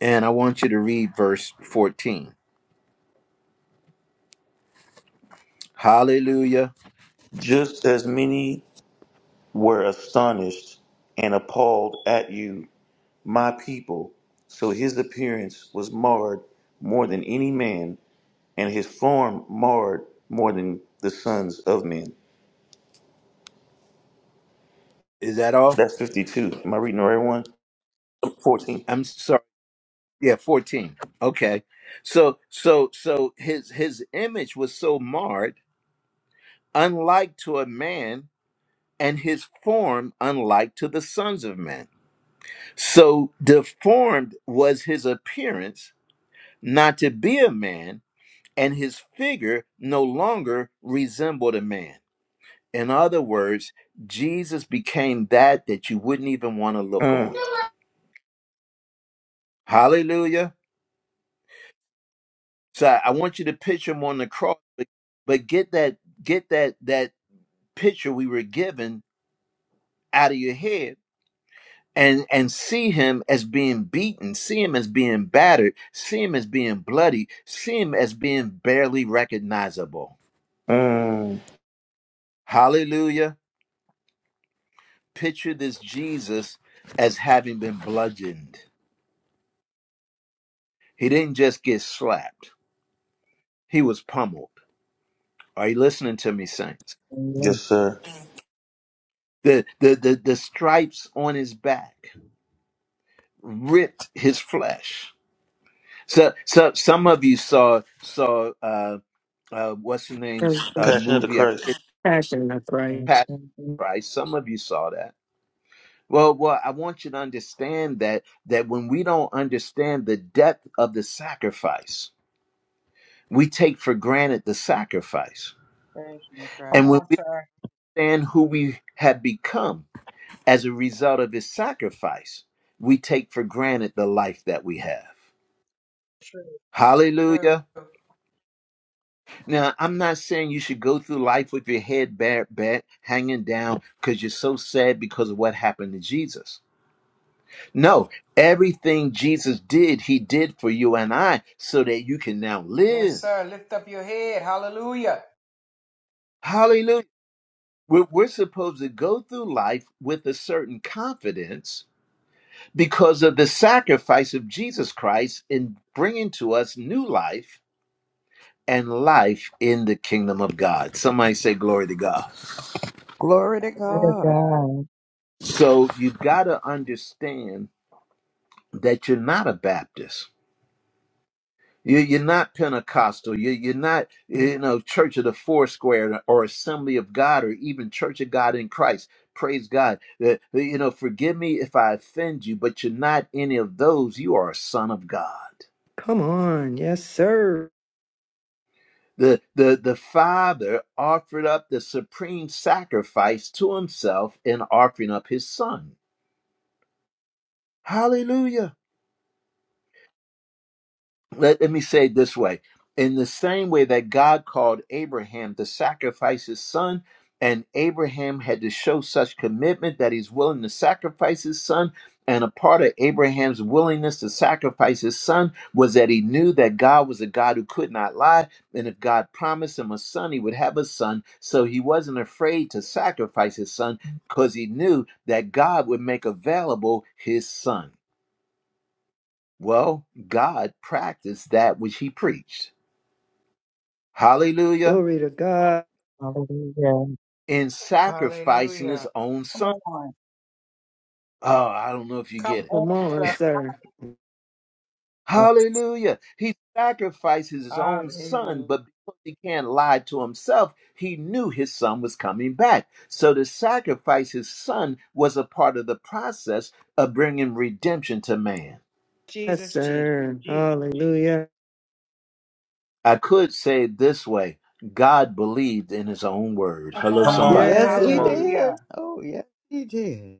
and I want you to read verse 14. Hallelujah. Just as many were astonished and appalled at you, my people, so his appearance was marred more than any man, and his form marred more than the sons of men. Is that all? That's 52. Am I reading the right one? 14. I'm sorry. Yeah, 14. Okay. So so so his his image was so marred unlike to a man, and his form unlike to the sons of men. So deformed was his appearance, not to be a man, and his figure no longer resembled a man. In other words, Jesus became that that you wouldn't even want to look Mm, on. Hallelujah. So I I want you to picture him on the cross, but, but get that get that that picture we were given out of your head and and see him as being beaten, see him as being battered, see him as being bloody, see him as being barely recognizable. mm, Hallelujah. Picture this Jesus as having been bludgeoned. He didn't just get slapped. He was pummeled. Are you listening to me, saints? yes, Amen. sir. The the the, the stripes on his back ripped his flesh. So so some of you saw saw uh uh, what's the name's uh, Passion of the movie? I forget Christ. That's right. passion Passion. Word of Christ. Some of you saw that. Well, well, I want you to understand that that when we don't understand the depth of the sacrifice, we take for granted the sacrifice. Thank you, sir. Come And when on, we sir. understand who we have become as a result of his sacrifice, we take for granted the life that we have. True, true. Hallelujah. Now, I'm not saying you should go through life with your head bare, bare, hanging down because you're so sad because of what happened to Jesus. No, everything Jesus did, he did for you and I so that you can now Yes, live. sir. Lift up your head. Hallelujah. Hallelujah. We're, we're supposed to go through life with a certain confidence because of the sacrifice of Jesus Christ in bringing to us new life and life in the kingdom of God. Somebody say, Glory to God. Glory to Glory of to God. God. God. So you've got to understand that you're not a Baptist. You- You're not Pentecostal. You- You're not, you know, Church of the Four Square or Assembly of God or even Church of God in Christ. Praise God. Uh, uh, You know, forgive me if I offend you, but you're not any of those. You are a son of God. Come on. Yes, sir. The, the, the Father offered up the supreme sacrifice to himself in offering up his Son. Hallelujah. let, let me say it this way in the same way that god called abraham to sacrifice his son and abraham had to show such commitment that he's willing to sacrifice his son and a part of abraham's willingness to sacrifice his son was that he knew that god was a god who could not lie and if god promised him a son he would have a son so he wasn't afraid to sacrifice his son because he knew that god would make available his son well, God practiced that which he preached. Hallelujah. Glory to God. Hallelujah. In sacrificing Hallelujah. his own Come son. on. Oh, I don't know if you Come get it. on, Come on, sir. sir. Yes. Hallelujah. He sacrifices his own son, Hallelujah. but because he can't lie to himself, he knew his son was coming back. So to sacrifice his son was a part of the process of bringing redemption to man. Yes, Jesus, Jesus, sir. Jesus, Jesus. Hallelujah. I could say it this way God believed in his own word. Come Hello, Come Oh on. on. somebody. yes, Come he Yeah. on. Hallelujah. did. Oh yes, he did.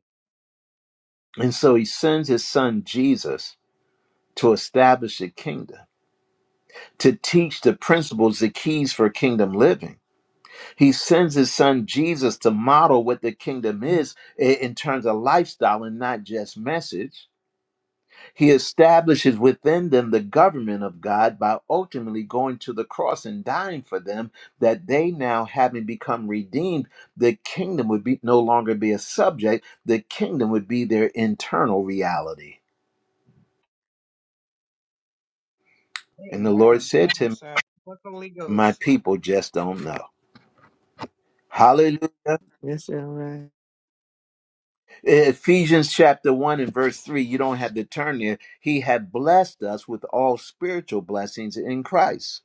And so he sends his son Jesus to establish a kingdom, to teach the principles, the keys for kingdom living. He sends his son Jesus to model what the kingdom is in terms of lifestyle and not just message. He establishes within them the government of God by ultimately going to the cross and dying for them, that they now, having become redeemed, the kingdom would be no longer be a subject, the kingdom would be their internal reality. And the Lord Amen. Come said to on, him, sir. What the Holy My Ghost. people just don't know. Hallelujah. Yes, all right. Ephesians chapter 1 and verse 3, you don't have to turn there. He had blessed us with all spiritual blessings in Christ.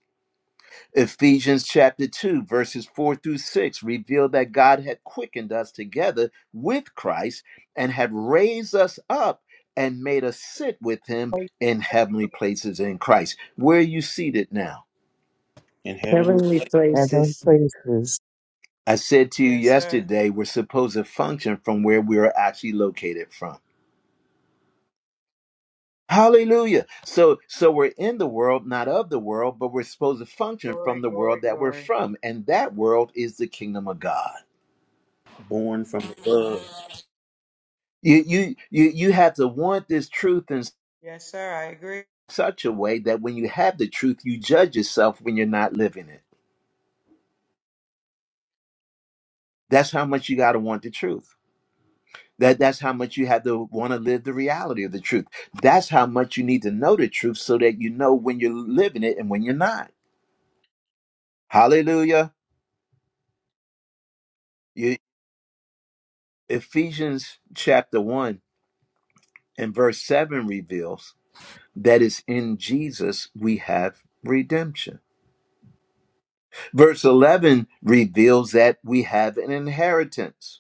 Ephesians chapter 2, verses 4 through 6 reveal that God had quickened us together with Christ and had raised us up and made us sit with him Wait, in let me heavenly places in Christ. Where are you seated now? In heaven Heavenly Heavenly places. praises. I said to you Yes, sir. yesterday, we're supposed to function from where we are actually located from. Hallelujah. So so we're in the world, not of the world, but we're supposed to function from Glory, the glory, world that we're glory. from, and that world is the kingdom of God. born from above. You you you you have to want this truth in Yes, sir. I agree. such a way that when you have the truth, you judge yourself when you're not living it. That's how much you got to want the truth. That that's how much you have to want to live the reality of the truth. That's how much you need to know the truth so that you know when you're living it and when you're not. Hallelujah. You Ephesians chapter 1 And verse 7 reveals that it's in Jesus we have redemption. Verse 11 reveals that we have an inheritance.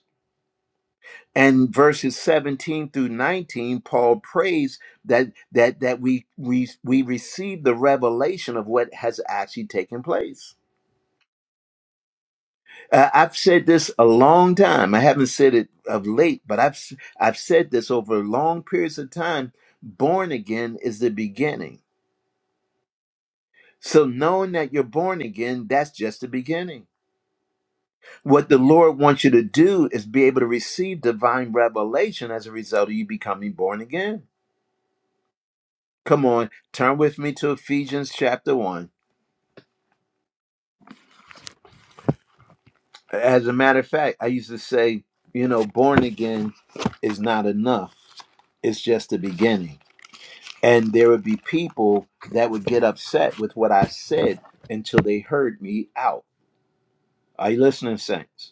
And verses 17 through 19, Paul prays that that that we we we receive the revelation of what has actually taken place. Uh, I've said this a long time. I haven't said it of late, but I've i I've said this over long periods of time. Born again is the beginning So, knowing that you're born again, that's just the beginning. What the Lord wants you to do is be able to receive divine revelation as a result of you becoming born again. Come on, turn with me to Ephesians chapter 1. As a matter of fact, I used to say, you know, born again is not enough, it's just the beginning. And there would be people that would get upset with what I said until they heard me out. Are you listening, Saints?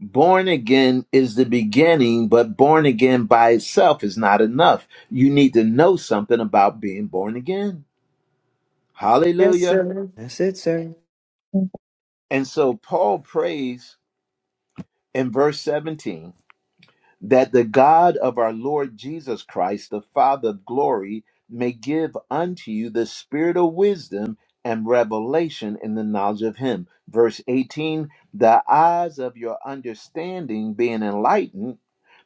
Born again is the beginning, but born again by itself is not enough. You need to know something about being born again. Yes, Hallelujah. sir. That's it, sir. Thank And so Paul prays in verse 17 that the God of our Lord Jesus Christ, the Father of glory, may give unto you the spirit of wisdom and revelation in the knowledge of him. Verse 18 the eyes of your understanding being enlightened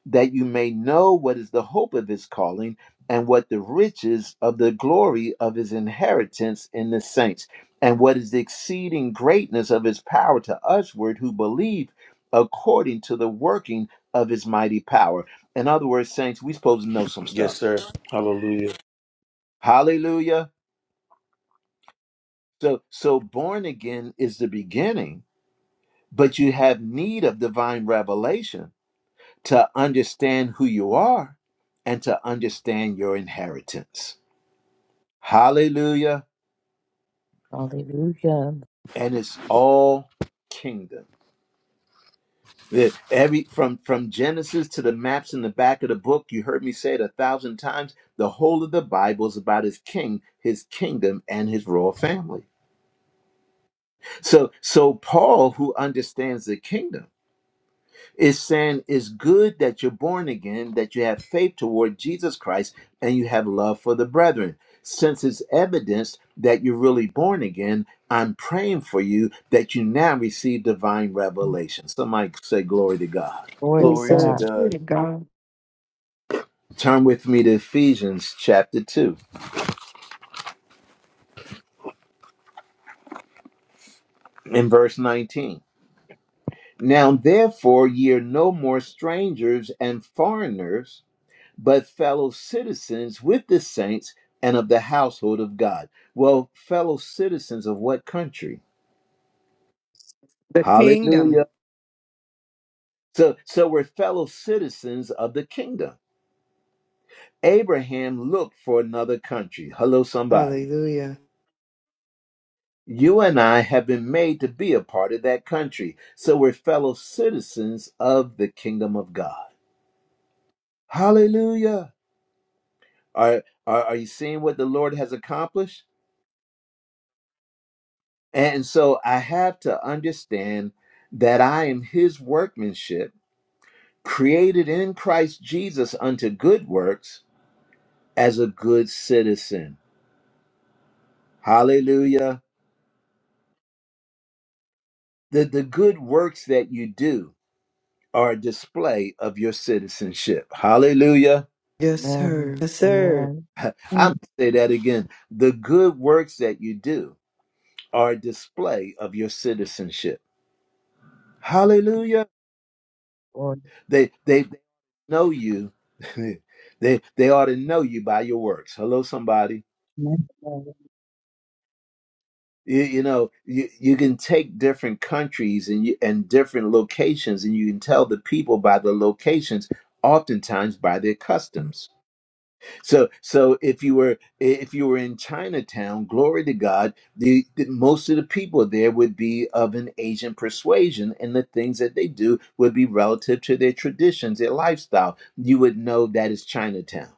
that you may know what is the hope of his calling and what the riches of the glory of his inheritance in the saints and what is the exceeding greatness of his power to usward who believe according to the working of his mighty power in other words saints we supposed to know some Yes, stuff sir. Hallelujah. hallelujah so so born again is the beginning but you have need of divine revelation to understand who you are and to understand your inheritance Hallelujah. Hallelujah. And it's all kingdom. The- Every from from Genesis to the maps in the back of the book, you heard me say it a thousand times. The whole of the Bible is about his king, his kingdom, and his royal family. So so Paul, who understands the kingdom, It's saying it's good that you're born again, that you have faith toward Jesus Christ, and you have love for the brethren. Since it's evidence that you're really born again, I'm praying for you that you now receive divine revelation. Somebody say, Glory to God. Glory to Yes, Glory to sir. God. Glory God. to God. Turn with me to Ephesians chapter 2 and verse 19. Now, therefore, ye are no more strangers and foreigners but fellow citizens with the saints and of the household of God. Well, fellow citizens of what country? The kingdom. Hallelujah. So so we're fellow citizens of the kingdom. Abraham looked for another country. Hello somebody. Hallelujah. You and I have been made to be a part of that country. So we're fellow citizens of the kingdom of God. Hallelujah. Are are, are you seeing what the Lord has accomplished? And so I have to understand that I am his workmanship, created in Christ Jesus unto good works as a good citizen. Hallelujah. The, the good works that you do are a display of your citizenship. Hallelujah. Yes, Amen. sir. Yes, sir. Amen. I'm you, going to say that again. The good works that you do are a display of your citizenship. Hallelujah. Glory to They, they, know you. they they ought to know you by your works. Hello, somebody. Matthew. God. You, you know you, you can take different countries and you, and different locations, and you can tell the people by the locations, oftentimes by their customs. So so if you were if you were in Chinatown, glory to God, the, the most of the people there would be of an Asian persuasion, and the things that they do would be relative to their traditions, their lifestyle. You would know that is Chinatown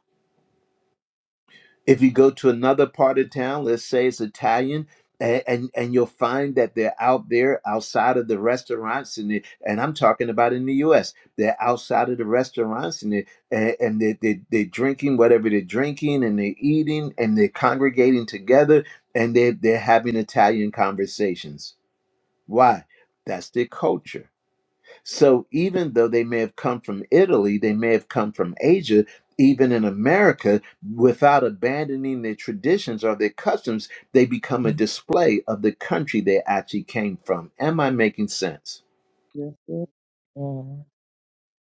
If you go to another part of town, let's say it's Italian, a- and and you'll find that they're out there outside of the restaurants, and they, and I'm talking about in the U.S. They're outside of the restaurants, and they and, and they, they they're drinking whatever they're drinking, and they're eating, and they're congregating together, and they they're having Italian conversations. Why? That's their culture. So even though they may have come from Italy, they may have come from Asia, even in America, without abandoning their traditions or their customs, they become a display of the country they actually came from. Am I making sense? Amen.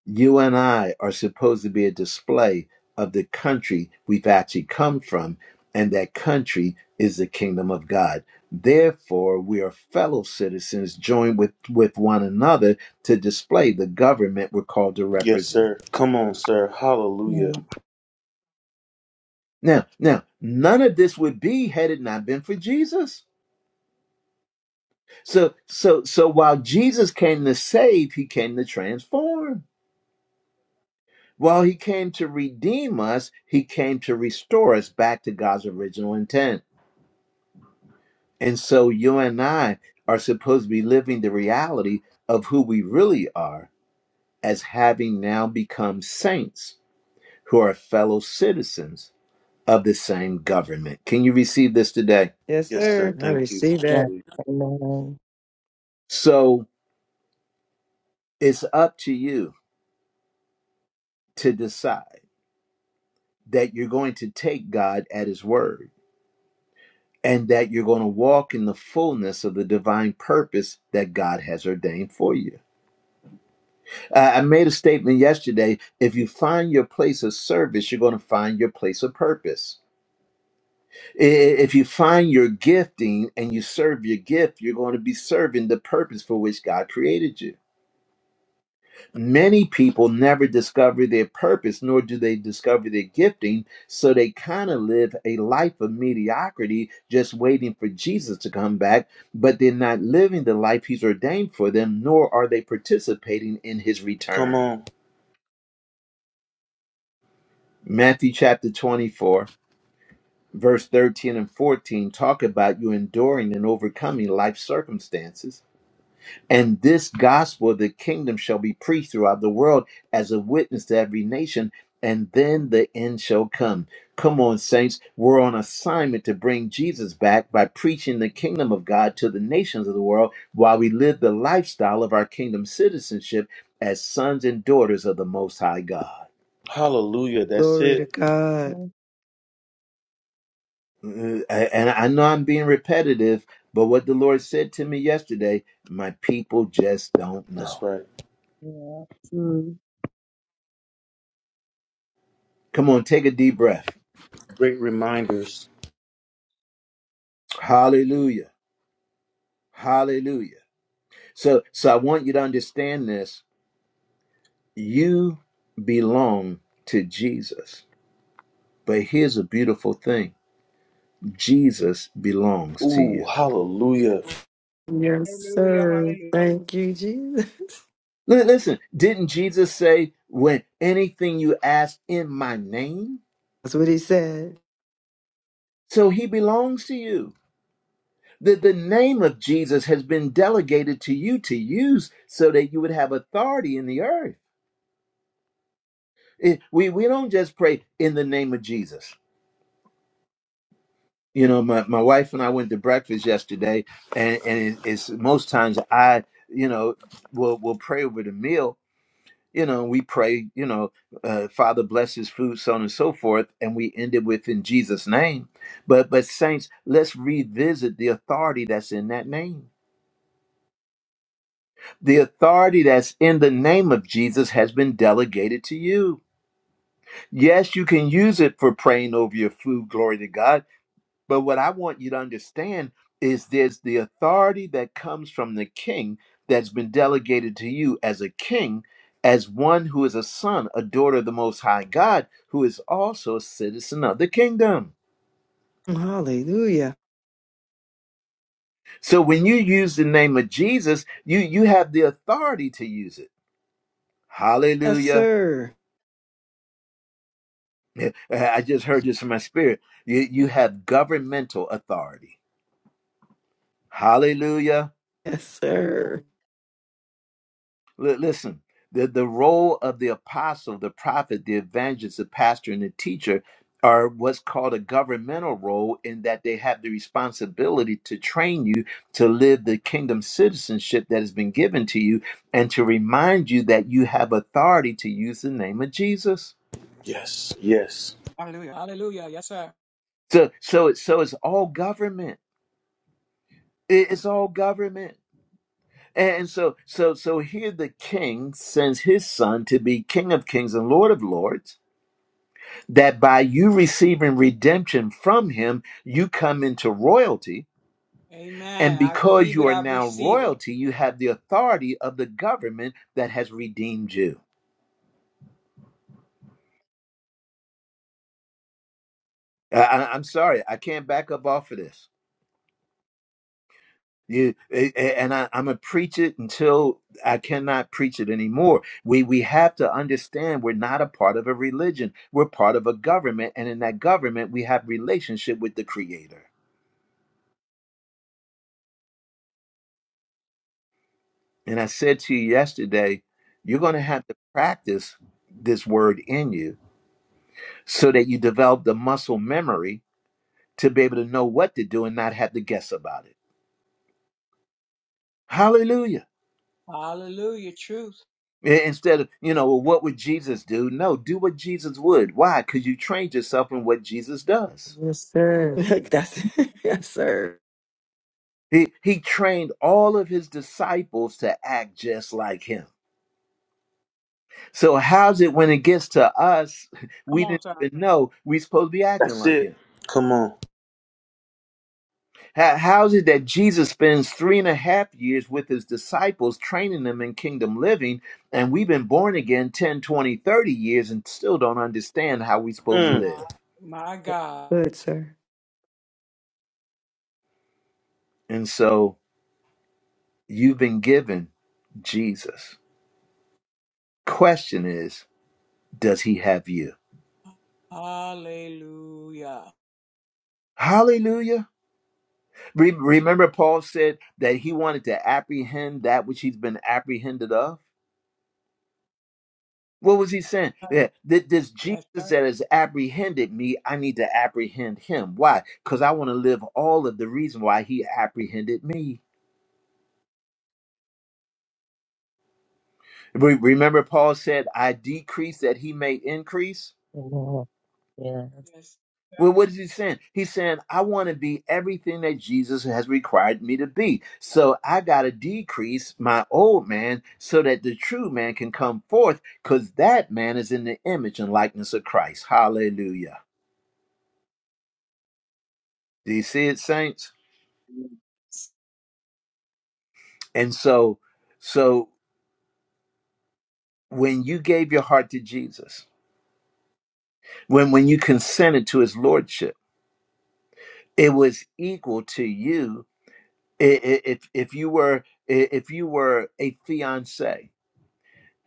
You and I are supposed to be a display of the country we've actually come from, and that country is the kingdom of God. Therefore, we are fellow citizens joined with, with one another to display the government we're called to Yes, represent. sir. Come on, sir. Hallelujah. And Now, now, none of this would be had it not been for Jesus. So, so, so while Jesus came to save, he came to transform. While he came to redeem us, he came to restore us back to God's original intent. And so you and I are supposed to be living the reality of who we really are as having now become saints who are fellow citizens of the same government. Can you receive this today? Yes, Yes, sir. sir. I Thank you. receive that. Yes. Hallelujah. Amen. So it's up to you to decide that you're going to take God at His word and that you're going to walk in the fullness of the divine purpose that God has ordained for you. Uh, I made a statement yesterday if you find your place of service, you're going to find your place of purpose. I- If you find your gifting and you serve your gift, you're going to be serving the purpose for which God created you. Many people never discover their purpose, nor do they discover their gifting. So they kind of live a life of mediocrity, just waiting for Jesus to come back, but they're not living the life he's ordained for them, nor are they participating in his Come return. on. Matthew chapter 24, verse 13 and 14 talk about you enduring and overcoming life circumstances. And this gospel of the kingdom shall be preached throughout the world as a witness to every nation, and then the end shall come. Come on, saints. We're on assignment to bring Jesus back by preaching the kingdom of God to the nations of the world while we live the lifestyle of our kingdom citizenship as sons and daughters of the Most High God. Hallelujah. That's Glory to it. God. thank Uh, uh, And I know I'm being repetitive, but what the Lord said to me yesterday, my people just don't That's know. right. you. our True. Come on, take a deep breath. Great reminders. Hallelujah. Hallelujah. So so I want you to understand this. You belong to Jesus. But here's a beautiful thing. Jesus belongs to Ooh, you. hallelujah. Yes, Hallelujah. sir. Hallelujah. Thank you, Jesus. Li- Listen, didn't Jesus say when anything you ask in my name? That's what he said. So he belongs to you. The, the name of Jesus has been delegated to you to use so that you would have authority in the earth. It- we, we don't just pray in the name of Jesus you know my, my wife and i went to breakfast yesterday and, and it- it's most times i you know will will pray over the meal you know we pray you know uh, father bless his food so on and so forth and we ended with in jesus name but but saints let's revisit the authority that's in that name the authority that's in the name of jesus has been delegated to you yes you can use it for praying over your food glory to god But what I want you to understand is there's the authority that comes from the king that's been delegated to you as a king, as one who is a son, a daughter of the Most High God, who is also a citizen of the kingdom. Hallelujah. So when you use the name of Jesus, you you have the authority to use it. Yes, Hallelujah. sir. I just heard this in my spirit. You you have governmental authority. Hallelujah. Yes, sir. Li- listen, the, the role of the apostle, the prophet, the evangelist, the pastor, and the teacher are what's called a governmental role in that they have the responsibility to train you to live the kingdom citizenship that has been given to you and to remind you that you have authority to use the name of Jesus. Yes. Yes. Hallelujah. Hallelujah. Yes, sir. So so it's so it's all government. It- It's all government. And so so so here the king sends his son to be king of kings and lord of lords that by you receiving redemption from him, you come into royalty. And Amen. I because believe you it. are I now receive it. royalty, you have the authority of the government that has redeemed you. I, I- I'm sorry, I can't back up off of this. You a- a- and I, I'm gonna preach it until I cannot preach it anymore. We we have to understand we're not a part of a religion. We're part of a government, and in that government, we have relationship with the Creator. And I said to you yesterday, you're going to have to practice this word in you so that you develop the muscle memory to be able to know what to do and not have to guess about it. Hallelujah. Hallelujah. Truth. I- Instead of, you know, well, what would Jesus do? No, do what Jesus would. Why? Because you trained yourself in what Jesus does. Yes, sir. That's yes, sir. He, he trained all of his disciples to act just like him. So, how's it when it gets to us? Come We on, didn't sir. even know we're supposed to be acting That's like it. him. Come on. How, how is it that Jesus spends three and a half years with his disciples, training them in kingdom living, and we've been born again 10, 20, 30 years and still don't understand how we're supposed to Mm. My, live? my God. Good, sir. And so you've been given Jesus. Question is, does he have you? Hallelujah. Hallelujah. Re- remember, Paul said that he wanted to apprehend that which he's been apprehended of? What was he saying? Yeah, that this Yes, Jesus sir. that has apprehended me, I need to apprehend him. Why? Because I want to live all of the reason why he apprehended me. Re- Remember, Paul said, I decrease that he may increase. Amen. Yes. Yes, Well, sir. what is he saying? He's saying, I want to be everything that Jesus has required me to be. So I got to decrease my old man so that the true man can come forth because that man is in the image and likeness of Christ. Hallelujah. Do you see it, saints? And so, so when you gave your heart to Jesus, when when you consented to His lordship, it was equal to you if if you were if you were a fiance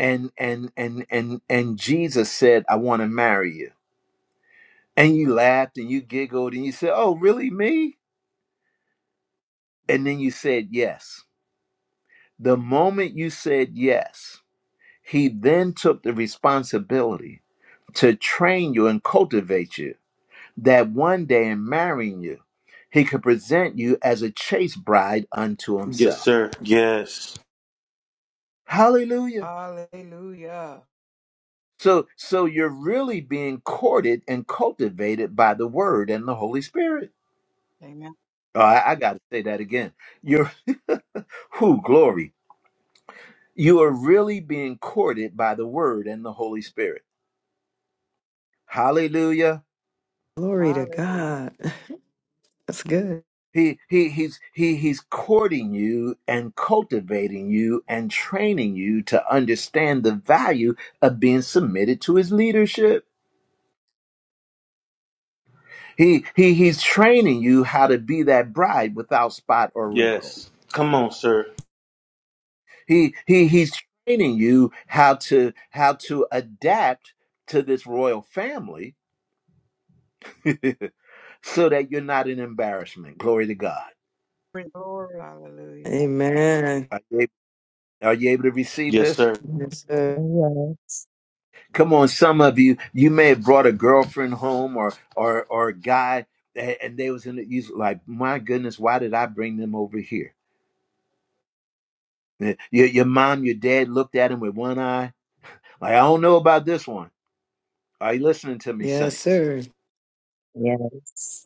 and and and and and Jesus said, "I want to marry you," and you laughed and you giggled and you said, "Oh, really, me?" And then you said yes. The moment you said yes, He then took the responsibility to train you and cultivate you that one day in marrying you, he could present you as a chaste bride unto Yes, himself. sir. Yes. Hallelujah. Hallelujah. So so you're really being courted and cultivated by the word and the Holy Spirit. Amen. Oh, I, I gotta say that again. You're who glory. You are really being courted by the word and the Holy Spirit. Hallelujah. Glory to Hallelujah. God. That's good. He he he's he he's courting you and cultivating you and training you to understand the value of being submitted to his leadership. He he he's training you how to be that bride without spot or wrinkle. Yes. Come on, sir. He he he's training you how to how to adapt to this royal family so that you're not an embarrassment. Glory to God. Glory, glory, hallelujah. Amen. Are you able, are you able to receive Yes, this? sir. Yes, sir. Oh, yes. Come on, some of you, you may have brought a girlfriend home or or or a guy, and they was in the you was like, my goodness, why did I bring them over here? Eh, Your your mom, your dad looked at him with one eye, like I don't know about this one. Are you listening to me, Yes, saints? sir. Yes.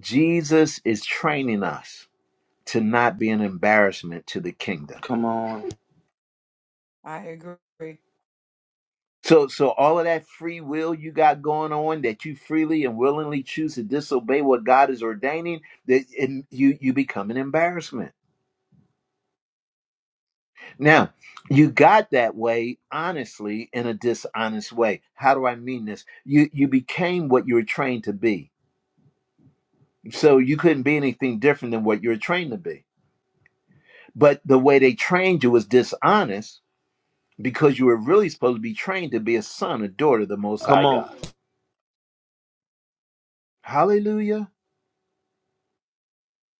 Jesus is training us to not be an embarrassment to the kingdom. Come on. I agree. So, so all of that free will you got going on that you freely and willingly choose to disobey what God is ordaining, that and you you become an embarrassment. Now, you got that way honestly in a dishonest way. How do I mean this? You you became what you were trained to be. So you couldn't be anything different than what you were trained to be. But the way they trained you was dishonest because you were really supposed to be trained to be a son, a daughter of the most high Come on. God. Hallelujah.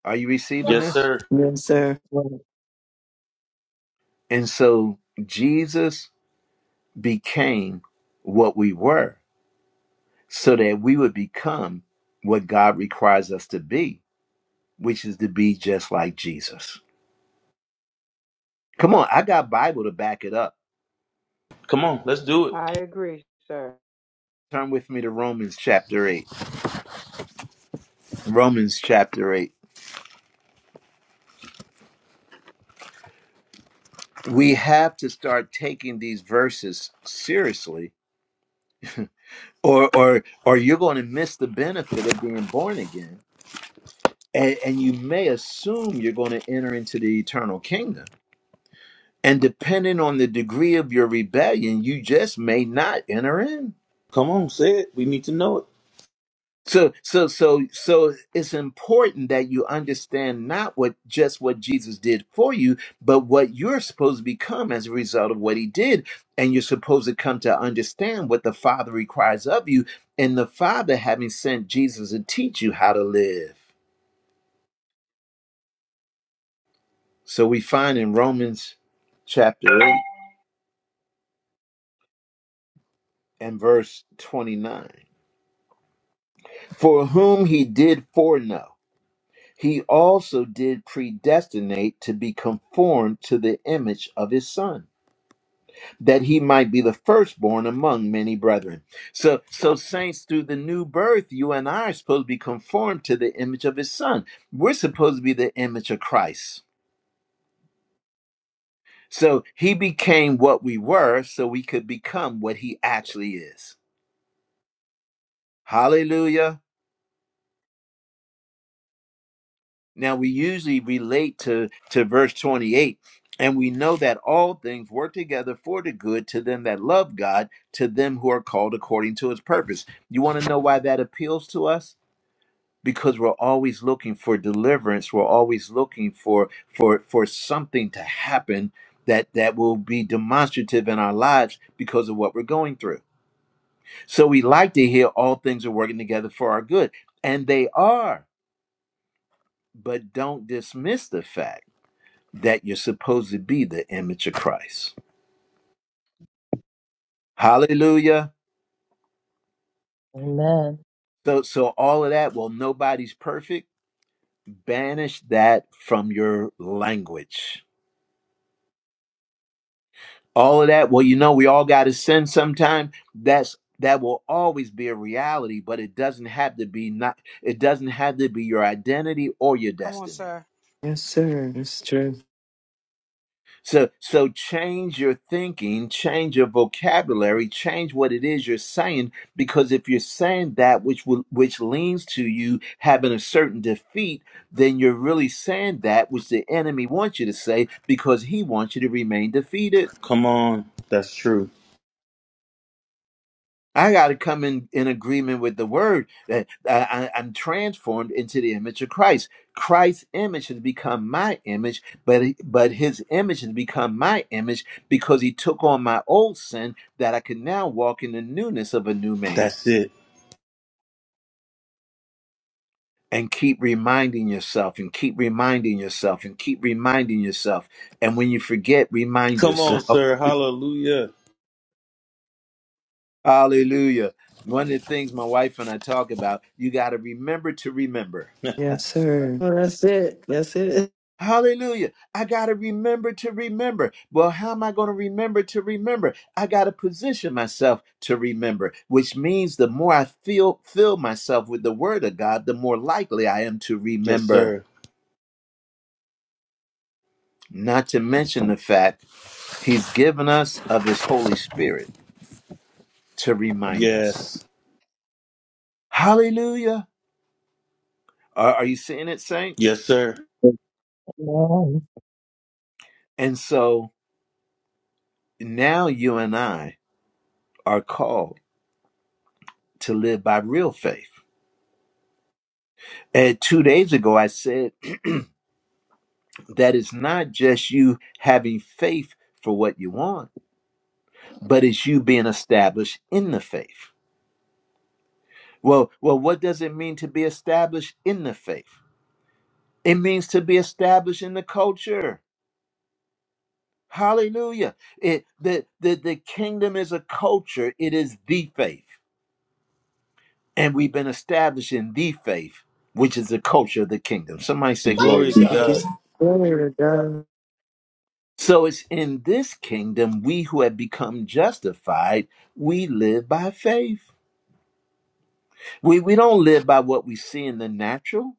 Are you receiving Yes, this? sir. Yes, sir. Yes. Amen. And so Jesus became what we were so that we would become what God requires us to be which is to be just like Jesus. Come on, I got Bible to back it up. Come on. Let's do it. I agree, sir. Turn with me to Romans chapter 8. Romans chapter 8. We have to start taking these verses seriously or or or you're going to miss the benefit of being born again. And, and you may assume you're going to enter into the eternal kingdom. And depending on the degree of your rebellion, you just may not enter in. Come on. Say it. We need to know it. So so so so it's important that you understand not what just what Jesus did for you, but what you're supposed to become as a result of what he did. And you're supposed to come to understand what the Father requires of you, and the Father having sent Jesus to teach you how to live. So we find in Romans chapter 8 and verse 29. For whom he did foreknow, he also did predestinate to be conformed to the image of his son that he might be the firstborn among many brethren. So, so saints, through the new birth, you and I are supposed to be conformed to the image of his son. We're supposed to be the image of Christ. So he became what we were, so we could become what he actually is. Hallelujah. Now we usually relate to, to verse 28, and we know that all things work together for the good to them that love God, to them who are called according to his purpose. You want to know why that appeals to us? because we're always looking for deliverance we're always looking for for for something to happen that that will be demonstrative in our lives because of what we're going through so we like to hear all things are working together for our good and they are but don't dismiss the fact that you're supposed to be the image of christ hallelujah so so all of that well nobody's perfect banish that from your language all of that well you know we all got to sin sometime that's that will always be a reality but it doesn't have to be not it doesn't have to be your identity or your Come on, destiny sir. Yes, sir. It's true. so so change your thinking change your vocabulary change what it is you're saying because if you're saying that which will, which leans to you having a certain defeat then you're really saying that which the enemy wants you to say because he wants you to remain defeated Come on. That's true. I got to come in, in agreement with the word that I, I- I'm transformed into the image of Christ. Christ's image has become my image, but but His image has become my image because He took on my old sin that I can now walk in the newness of a new man. That's it. And keep reminding yourself, and keep reminding yourself, and keep reminding yourself. And when you forget, remind Come on, yourself. sir. Hallelujah. Hallelujah. One of the things my wife and I talk about, you got to remember to remember. Yes, sir. Oh, that's it. That's it. Hallelujah. I got to remember to remember. Well, how am I going to remember to remember? I got to position myself to remember, which means the more I feel fill myself with the word of God, the more likely I am to Yes, remember. sir. Not to mention the fact he's given us of his Holy Spirit to remind us. Yes. Hallelujah. Are, are you seeing it, saints? Yes, sir. Thank Amen. And so now you and I are called to live by real faith. And two days ago, I said, That is not just you having faith for what you want, but it's you being established in the faith. Well, well, what does it mean to be established in the faith? It means to be established in the culture. Hallelujah. It the, the, the kingdom is a culture, it is the faith. And we've been established in the faith, which is the culture of the kingdom. Somebody say glory Glory to to God. It God. gets better, God. So it's in this kingdom we who have become justified, we live by faith. We we don't live by what we see in the natural.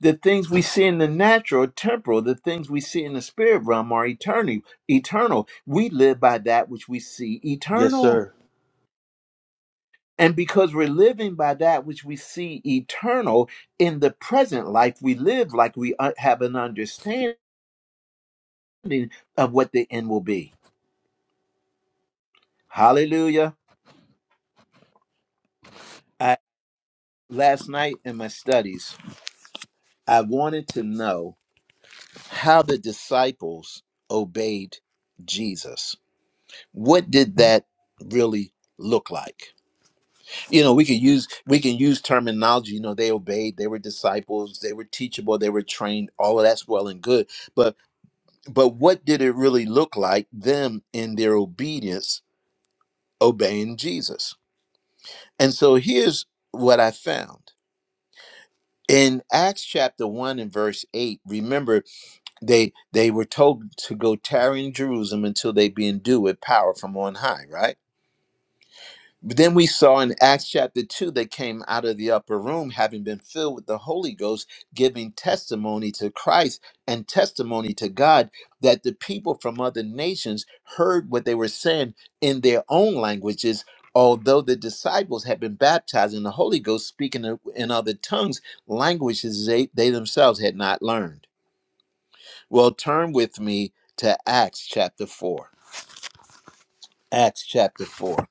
The things we see in the natural are temporal. The things we see in the spirit realm are eternal. Eternal. We live by that which we see Yes, eternal. sir. And because we're living by that which we see eternal in the present life, we live like we un- have an understanding of what the end will be. Hallelujah. I, last night in my studies, I wanted to know how the disciples obeyed Jesus what did that really look like you know we can use we can use terminology you know they obeyed they were disciples they were teachable they were trained all of that's well and good but but what did it really look like them in their obedience obeying jesus and so here's what i found in acts chapter 1 and verse 8 remember they they were told to go tarry in jerusalem until they be endued with power from on high right But then we saw in Acts chapter 2, they came out of the upper room, having been filled with the Holy Ghost, giving testimony to Christ and testimony to God that the people from other nations heard what they were saying in their own languages. Although the disciples had been baptized in the Holy Ghost, speaking in in other tongues, languages they, they themselves had not learned. Well, turn with me to Acts chapter 4. Acts chapter 4.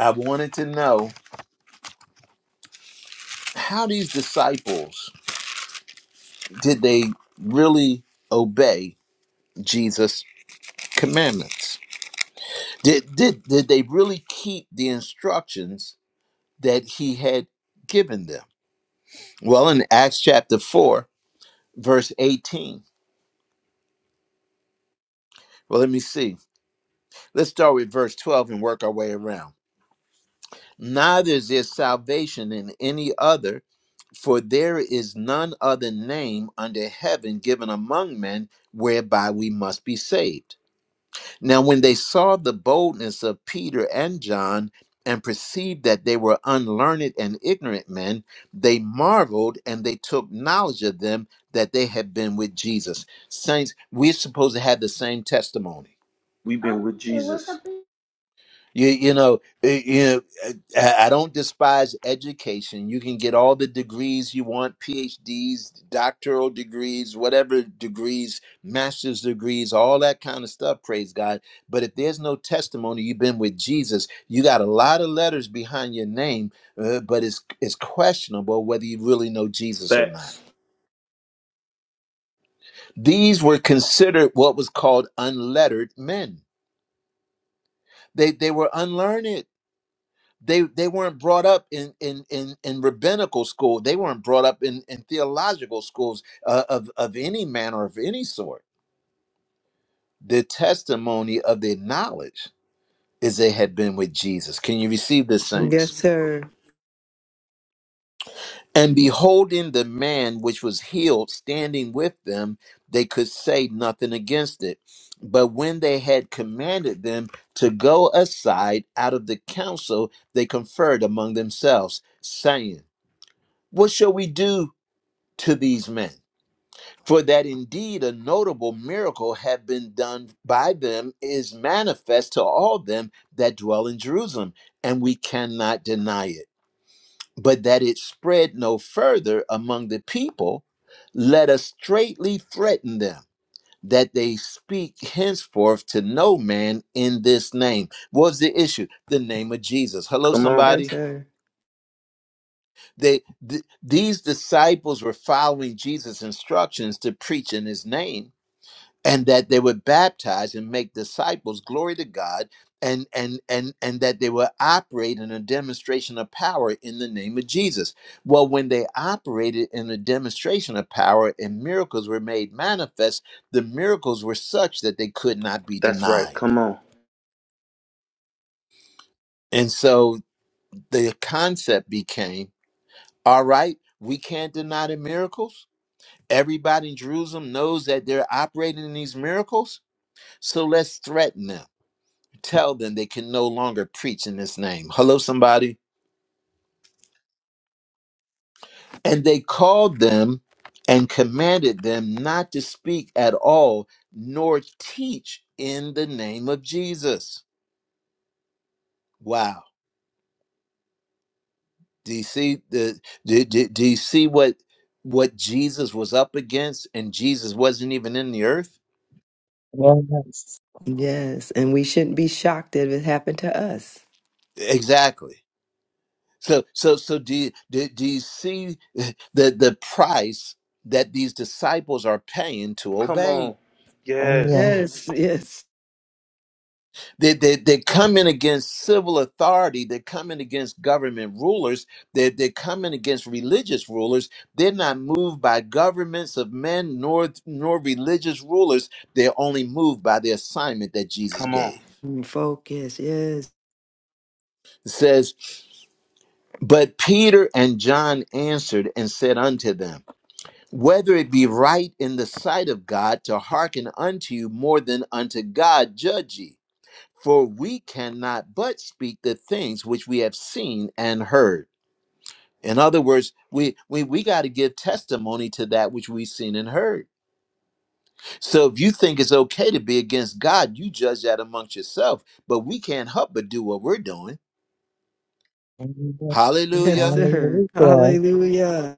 I wanted to know how these disciples did they really obey Jesus' commandments? Did, did, did they really keep the instructions that he had given them? Well, in Acts chapter 4, verse 18, well, let me see. Let's start with verse 12 and work our way around. Neither is there salvation in any other, for there is none other name under heaven given among men whereby we must be saved. Now, when they saw the boldness of Peter and John and perceived that they were unlearned and ignorant men, they marveled and they took knowledge of them that they had been with Jesus. Saints, we're supposed to have the same testimony. We've been with Jesus. You, you know, eh, you know, eh, I I don't despise education. You can get all the degrees you want, PhDs, doctoral degrees, whatever degrees, master's degrees, all that kind of stuff, praise God. But if there's no testimony, you've been with Jesus, you got a lot of letters behind your name, uh, but it's, it's questionable whether you really know Jesus or not. Facts. These were considered what was called unlettered men. They, they were unlearned they they weren't brought up in in in, in rabbinical school they weren't brought up in, in theological schools uh, of of any manner of any sort the testimony of their knowledge is they had been with jesus can you receive this Yes, saints sir. and beholding the man which was healed standing with them they could say nothing against it but when they had commanded them to go aside out of the council they conferred among themselves saying what shall we do to these men. For that indeed a notable miracle had been done by them is manifest to all them that dwell in Jerusalem, and we cannot deny it. But that it spread no further among the people, let us straitly threaten them that they speak henceforth to no man in this name. What was the issue? The name of Jesus. Hello, Come on. Yes, somebody. sir. They th- these disciples were following Jesus' instructions to preach in his name and that they would baptize and make disciples glory to god and and and and that they would operate in a demonstration of power in the name of jesus well when they operated in a demonstration of power and miracles were made manifest the miracles were such that they could not be That's right. denied Come on. and so the concept became all right we can't deny the miracles everybody in jerusalem knows that they're operating in these miracles so let's threaten them tell them they can no longer preach in this name. Hello, somebody. And they called them and commanded them not to speak at all, nor teach in the name of Jesus. Wow. Do you see the do, do, do you see what what Jesus was up against and Jesus wasn't even in the earth? Yes. Yes, and we shouldn't be shocked if it happened to us. Exactly. So so so do you do, do you see the the price that these disciples are paying to Come obey? on. Oh, Yes. yes. Yes, yes. They, they, they're coming against civil authority. They're coming against government rulers. They're, they're coming against religious rulers. They're not moved by governments of men nor, nor religious rulers. They're only moved by the assignment that Jesus Come on. gave. Focus. Yes, It says, But Peter and John answered and said unto them, Whether it be right in the sight of God to hearken unto you more than unto God, judge ye. For we cannot but speak the things which we have seen and heard. In other words, we we, we got to give testimony to that which we've seen and heard. So if you think it's okay to be against God, you judge that amongst yourself. But we can't help but do what we're doing. Amen. yes, Hallelujah. sir. Hallelujah. Hallelujah.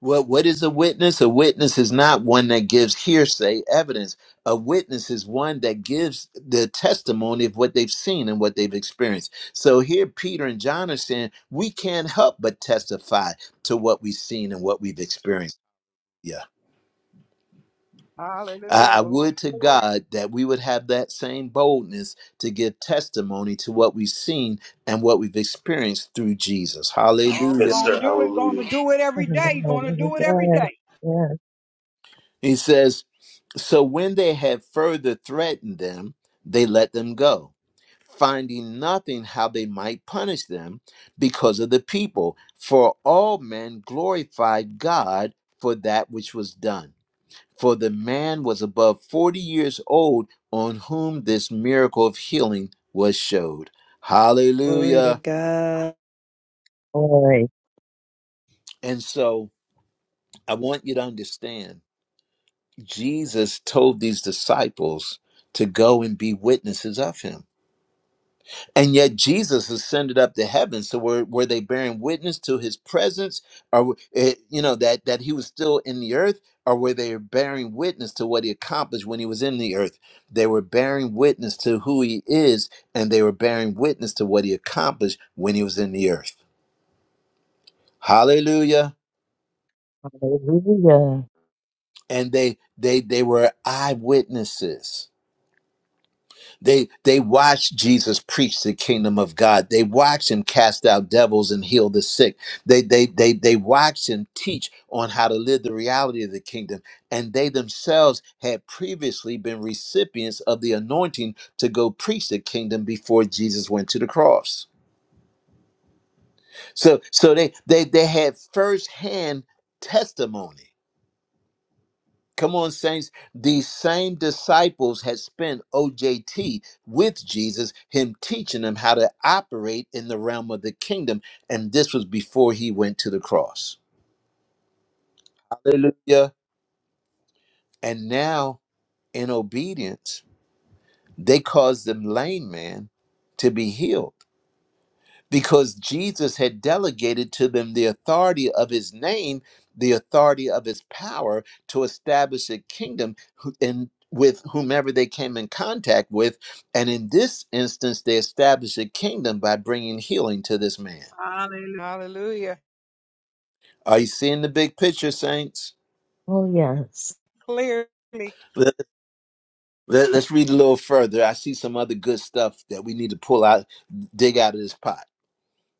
Well, what is a witness? A witness is not one that gives hearsay evidence. A witness is one that gives the testimony of what they've seen and what they've experienced. So here, Peter and John are saying, we can't help but testify to what we've seen and what we've experienced. Yeah. I, Hallelujah. I Glory, would to glory. God that we would have that same boldness to give testimony to what we've seen and what we've experienced through Jesus. Oh, Hallelujah. Yes, gonna sir. do it. Hallelujah. Gonna do it every day. Gonna Hallelujah. do it every Yes, day. yes, He says, So when they had further threatened them, they let them go, finding nothing how they might punish them because of the people. For all men glorified God for that which was done. For the man was above 40 years old on whom this miracle of healing was showed. Glory to Hallelujah. God. boy. And so I want you to understand Jesus told these disciples to go and be witnesses of him And yet Jesus ascended up to heaven. So were, were they bearing witness to his presence or eh, you know that that he was still in the earth or were they bearing witness to what he accomplished when he was in the earth? They were bearing witness to who he is and they were bearing witness to what he accomplished when he was in the earth. Hallelujah. Hallelujah. And they they they were eyewitnesses. They they watched Jesus preach the kingdom of God. They watched him cast out devils and heal the sick. They they they they watched him teach on how to live the reality of the kingdom. And they themselves had previously been recipients of the anointing to go preach the kingdom before Jesus went to the cross. So so they they they had firsthand testimony Come on, saints. These same disciples had spent OJT with Jesus, him teaching them how to operate in the realm of the kingdom. And this was before he went to the cross. Hallelujah. And now, in obedience, they caused the lame man to be healed because Jesus had delegated to them the authority of his name, the authority of his power to establish a kingdom who- in with whomever they came in contact with. And in this instance, they established a kingdom by bringing healing to this man. Hallelujah. Hallelujah. Are you seeing the big picture, saints? Oh, yes. Clearly. Let, let- let's read a little further. I see some other good stuff that we need to pull out, dig out of this pot.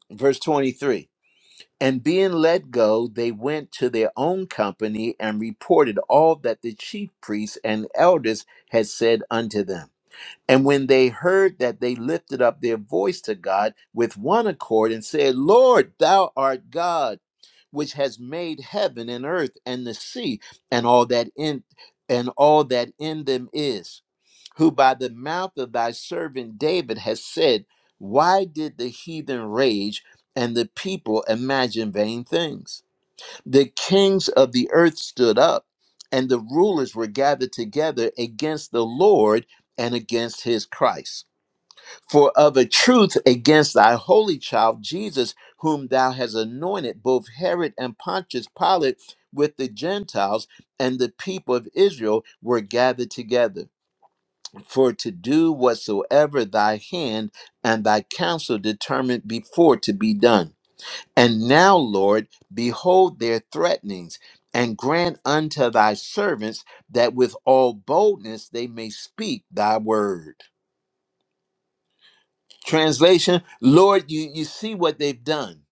Verse 23 And being let go, they went to their own company and reported all that the chief priests and elders had said unto them. And when they heard that, they lifted up their voice to God with one accord and said, Lord, thou art God, which has made heaven and earth and the sea and all that in and all that in them is who by the mouth of thy servant David has said, Why did the heathen rage and the people imagine vain things? The kings of the earth stood up, and the rulers were gathered together against the Lord and against his Christ. For of a truth, against thy holy child Jesus, whom thou hast anointed, both Herod and Pontius Pilate with the Gentiles and the people of Israel were gathered together for to do whatsoever thy hand and thy counsel determined before to be done. And now, Lord, behold their threatenings, and grant unto thy servants that with all boldness they may speak thy word. Translation Lord, you, you see what they've done.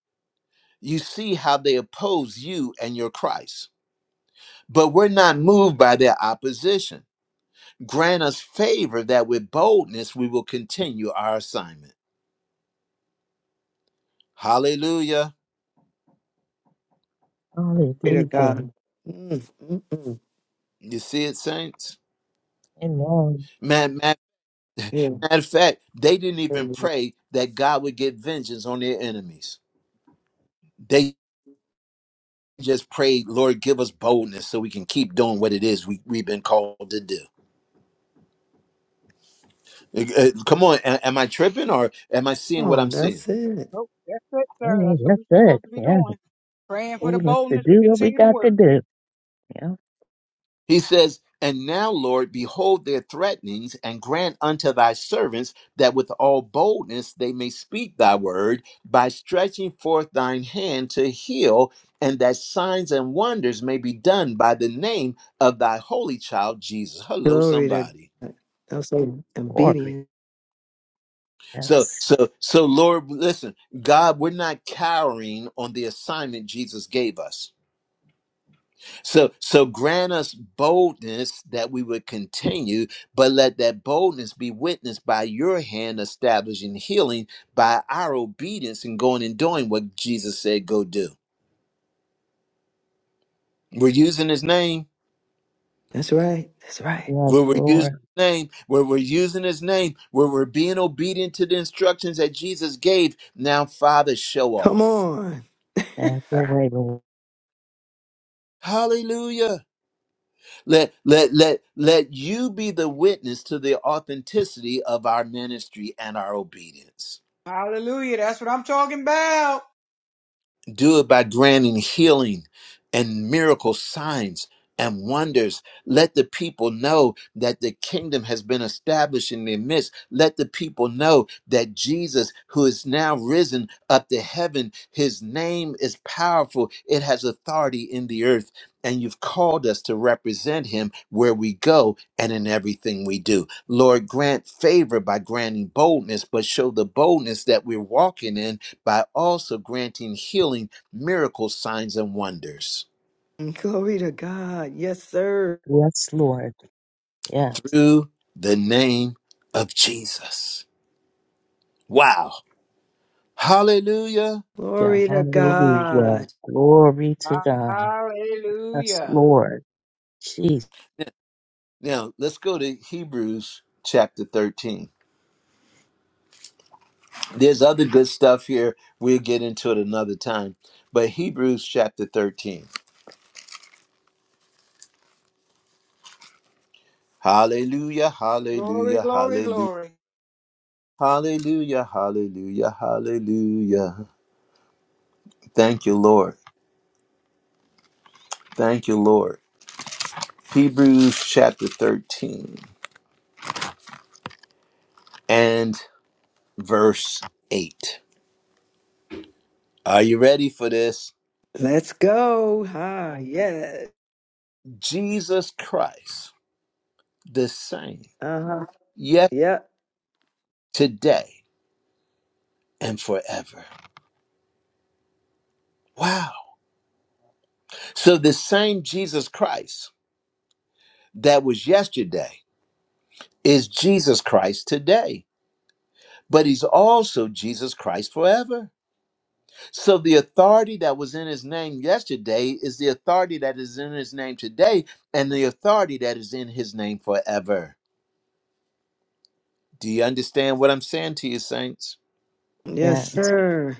You see how they oppose you and your Christ. But we're not moved by their opposition. Grant us favor that with boldness we will continue our assignment. Hallelujah. Glory to Hallelujah. God. Mm, mm, mm. You see it, saints? Amen. Man, man, Yeah. matter of fact, they didn't even pray that God would get vengeance on their enemies. They just prayed, Lord, give us boldness so we can keep doing what it is we, we've been called to do. Uh, uh, Come on, a- am I tripping or am I seeing what Oh, I'm seeing? that's it. Nope, that's it, sir. Amen. That's what That's we're it. supposed to be Yeah. doing. Praying for the Oh, let's to boldness to do what we continue to got to work. do. Yeah. He says, And now, Lord, behold their threatenings, and grant unto thy servants that with all boldness they may speak thy word by stretching forth thine hand to heal, and that signs and wonders may be done by the name of thy holy child Jesus. Hello, Glory to somebody. God. That's like Glory. obedience. So, Yes. so, so, Lord, listen, God, we're not cowering on the assignment Jesus gave us So, so grant us boldness that we would continue, but let that boldness be witnessed by your hand establishing healing by our obedience and going and doing what Jesus said, go do. We're using his name. That's right. That's right. Yes, Where we're using his Lord. name, where we're using his name, where we're being obedient to the instructions that Jesus gave. Now, Father, show Come off. on. Have your way, Lord. Hallelujah. Let let let let you be the witness to the authenticity of our ministry and our obedience. Hallelujah. That's what I'm talking about. Do it by granting healing and miracle signs and wonders. Let the people know that the kingdom has been established in their midst. Let the people know that Jesus, who is now risen up to heaven, his name is powerful. It has authority in the earth. And you've called us to represent him where we go and in everything we do. Lord, grant favor by granting boldness, but show the boldness that we're walking in by also granting healing, miracles, signs, and wonders Glory to God. Yes, sir. Yes, Lord. Yes. through the name of Jesus. Wow. Hallelujah. Yeah. Glory to Hallelujah. God. Glory to God. Yes, Hallelujah. Lord. Jesus. Now, let's go to Hebrews chapter 13. There's other good stuff here. We'll get into it another time. But Hebrews chapter 13. Hallelujah, Glory, hallelujah, glory, hallelujah. glory. Hallelujah, hallelujah, hallelujah. Thank you, Lord. Thank you, Lord. Hebrews chapter 13. and. verse 8. Are you ready for this? Let's go. Ah, yes. Jesus Christ, the same, Uh-huh. yet Yep. today and forever. Wow. So the same Jesus Christ that was yesterday is Jesus Christ today, but he's also Jesus Christ forever. So the authority that was in his name yesterday is the authority that is in his name today and the authority that is in his name forever. Do you understand what I'm saying to you, saints? Yes, Yes. sir.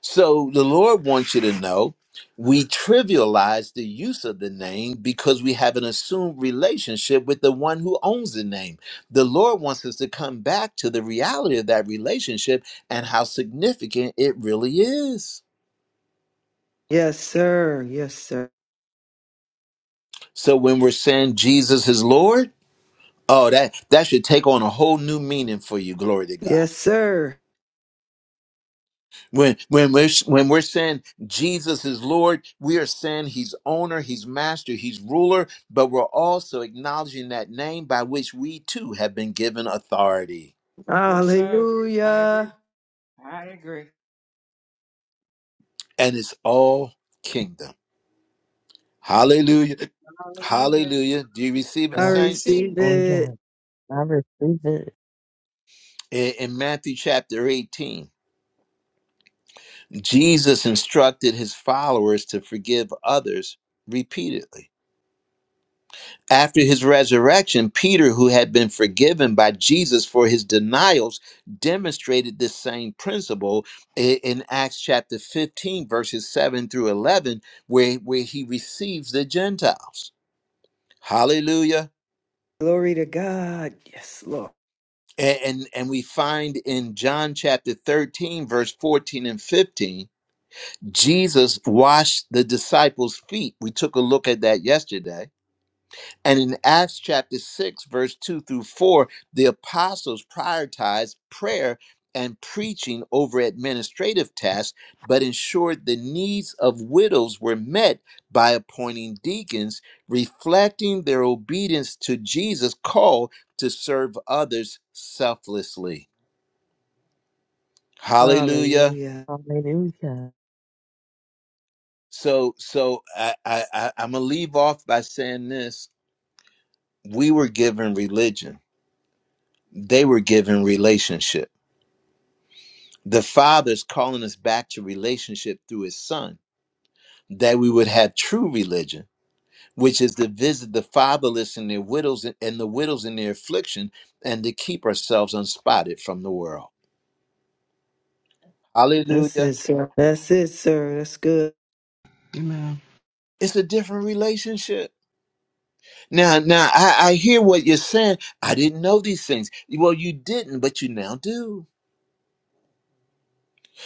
So the Lord wants you to know we trivialize the use of the name because we have an assumed relationship with the one who owns the name. The Lord wants us to come back to the reality of that relationship and how significant it really is. Yes, sir. Yes, sir. So when we're saying Jesus is Lord, oh that that should take on a whole new meaning for you. Glory to God. Yes, sir. When when we're when we're saying Jesus is Lord, we are saying He's owner, He's master, He's ruler, but we're also acknowledging that name by which we too have been given authority, Yes, sir. I agree. Hallelujah. I agree. and it's all kingdom. Hallelujah, Hallelujah. Hallelujah. Do you receive it, I Yes. saints? Receive. receive Oh, it. yes. I receive it. In, in Matthew chapter eighteen, Jesus instructed His followers to forgive others repeatedly. After his resurrection, Peter, who had been forgiven by Jesus for his denials, demonstrated this same principle i- in Acts chapter 15, verses 7 through 11, where, where he receives the Gentiles. Hallelujah. Glory to God. Yes, Lord. A- and, and we find in John chapter 13, verse 14 and 15, Jesus washed the disciples' feet. We took a look at that yesterday And in Acts chapter 6, verse 2 through 4, the apostles prioritized prayer and preaching over administrative tasks, but ensured the needs of widows were met by appointing deacons, reflecting their obedience to Jesus' call to serve others selflessly. Hallelujah. Hallelujah. Hallelujah. So, so I, I, I, I'm gonna leave off by saying this: we were given religion; they were given relationship The Father is calling us back to relationship through His Son, that we would have true religion, which is to visit the fatherless and their widows and the widows in their affliction, and to keep ourselves unspotted from the world. That's it, Hallelujah. sir. That's it, sir. That's good. Amen. It's a different relationship. Now, now I, I hear what you're saying. I didn't know these things. Well, you didn't, but you now do.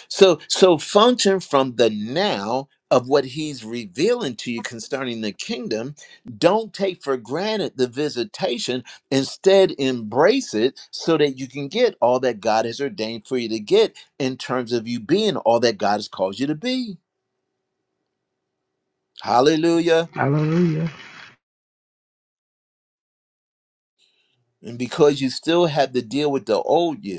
So so function from the now of what he's revealing to you concerning the kingdom. Don't take for granted the visitation. Instead, embrace it so that you can get all that God has ordained for you to get in terms of you being all that God has called you to be. Hallelujah. Hallelujah. And because you still have to deal with the old you,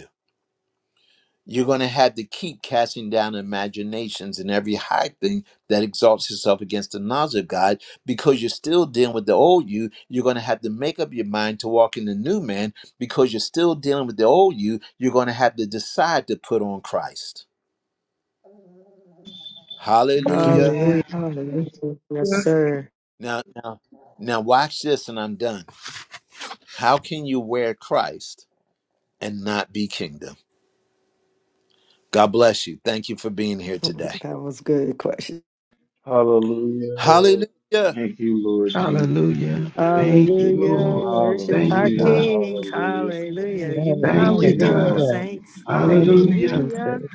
You're going to have to keep casting down imaginations and every high thing that exalts itself against the knowledge of God because you're still dealing with the old you. You're going to have to make up your mind to walk in the new man because you're still dealing with the old you. You're going to have to decide to put on Christ. Hallelujah. Hallelujah. Amen. Hallelujah. Yes, you. sir. Now, now watch this and I'm done. How can you wear Christ and not be kingdom? God bless you. Thank you for being here today. That was good question. Hallelujah. Hallelujah. Thank you, Lord Jesus, for this Hallelujah. word. Thank you, Hallelujah. Lord. Worship Thank our you, Hallelujah. God. King. Hallelujah. Hallelujah. You know Amen. how Thank Thank you, we you, do it, God. Lord Hallelujah. Jesus. saints. Thank Hallelujah. you, Hallelujah. Hallelujah. Jesus.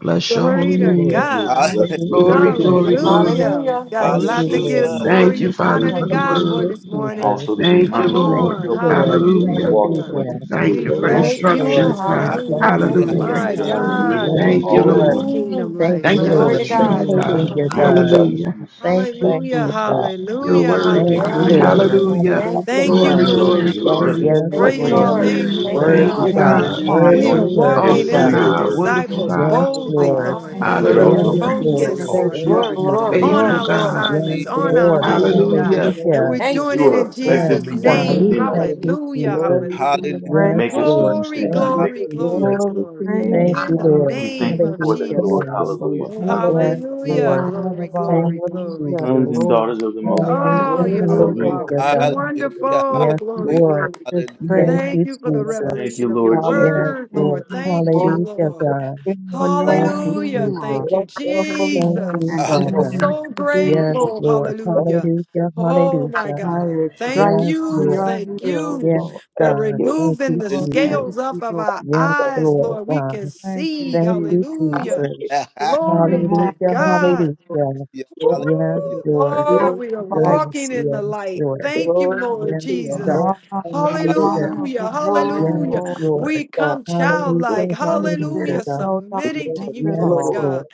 Bless your Thank Glory holy you, to name. Thank Lord. you for the Ha- God. blessing Hallelujah, of Glory, glory, Jesus. relationship glory. Hallelujah. We've Hallelujah. got that a Thank we Thank Hallelujah. you, lot you, to trust you give Lord. Jesus. in what Thank glory you you, and Father, honor say to for the God for Hallelujah, word. this and morning. Jesus. also the Thank you, Come reminders to Lord. Thank on. you, help us to Lord. be able to Glory Hallelujah. walk in Hallelujah. what you Hallelujah. Thank said. We you for Yes, Thank bless to you, God. you, Lord. Lord. instructions, Thank God. Lord. you, Hallelujah. Glory to God. Thank you, Thank Hallelujah. you, You Jesus. Lord. Hallelujah. bring My Jesus. to Hallelujah. our Thank God. Hallelujah. Yes, you, remembrance Thank Thank you you, all for that God. we this Lord. Hallelujah. Lord. need. Mm. kingdom We Thank you, Thank you praise Yes, for lifestyle. Glory the to Lord. your truth, God. Thank Lord. you, God. Thank Hallelujah, Lord. you, We name. are God. without Jesus. Hallelujah. excuse. Thank you, Thank Hallelujah. you, Jesus. Father. We You're Hallelujah. We Yes, worthy, Thank thank you you you, for God. Hallelujah. Thank your Lord. you. praise so Lord. presence Hallelujah. Thank you. Hallelujah, Thank your you, Glory, God. because Lord in name. glory, your Thank glory. you, presence Jesus. Yes, Lord. What Thank you, Praise your brings Lord. to Lord. us the name, you Thank Lord Hallelujah. you, unction, Thank Worthy God you, Lord. God. in God. our God. the heart. Hallelujah. We are Worthy, anointing to be able Hallelujah. worthy walking to Awesome do as God. your the God, work, Glory, wonderful Yes, glory, disciples Yes, God, glory. boldly, Lord. Lord. Lord Thank but God. it Hallelujah. We're Yes, also Thank Thank you, hallelujah, brings you, you to Lord. us focused, Lord. Jesus. all Jesus, Thank Lord Thank you, for truths God, you, Glory, to glory, Jesus. Jesus. glory, on Jesus, glory, faithful remember. our Thank glory. God, assignments, Yes, you, your on Yes, Jesus. our glory. Lord. mission, Lord. God. Hallelujah. hallelujah, And we're Thank Hallelujah. doing you, You it in Lord. are Yes, Jesus' effectively God. working Thank name. We you, in Hallelujah. us. thank Lord. you, Hallelujah, Jesus. Glory to your hallelujah. Hallelujah. to name, Praise, make Yes, Father. us who you Lord. Glory, said Thank you would you, make glory, us to be. glory, Hallelujah. Jesus. Glory to glory. your praise Thank name, In you, the to Father. And Lord. we thank name you of for that, Hallelujah, Thank Lord. God. you, Jesus. Hallelujah. Lord. Thank you, Jesus, Yes, Jesus. Hallelujah. the Hallelujah. Lord. Lord Glory, of all Thank glory, you, glory. Hallelujah. Sons and Jesus. Glory, daughters of the the Most High, Hallelujah, Oh, Lord. you're glory, so Hallelujah. hallelujah, glory. marvelous. You're God. Thank Hallelujah. wonderful. you. Yes, Glory, Lord. glory. Just Hallelujah. Yes, praise, Thank Thank you, you for the Father. Thank Jesus. you, revelation of your Lord Hallelujah. Jesus. Yes, word, thank Lord. Lord. you, Thank you, Jesus, Glory Hallelujah, to Lord. the God. for Father. Thank knowing you, who Hallelujah. you Jesus. are Thank you, Bless your holy Thank name. you, Jesus. and You know, Father. Hallelujah. doing what So you do. Yes, For grateful. Lord. and Hallelujah. Hallelujah. Oh, my Hallelujah. by God. your Thank stripes Yes, you. we Lord. are Thank healed, you. Yes, Lord. We're Thank God. you. Thank removing you, the Well, Hallelujah. thank Jesus. scales off you, of Lord. our Yes, Thank eyes, Lord. Lord. We God. can Thank you, see. Thank Jesus. you, Hallelujah. Jesus. you. Hallelujah. Hallelujah. Glory Amen. to Hallelujah. Hallelujah. God. Hallelujah. Hallelujah. Yes, Yes, Lord. Hallelujah. Ooh, Lord. Lord, Glory, we are Glorify you. Yes, walking in the yes, light. Lord. Thank you, glory Yes, Lord to You your God. Jesus. name. are the Hall- Hallelujah. Glory light of Hallelujah, the Hallelujah. world, to hallelujah. Yes, Lord. you, Lord. We God. come Thank Hallelujah. you. And childlike, in you Hallelujah, there is hallelujah, God. no submitting Yes, to darkness you, at Lord Yes, all. Lord. God. Lord.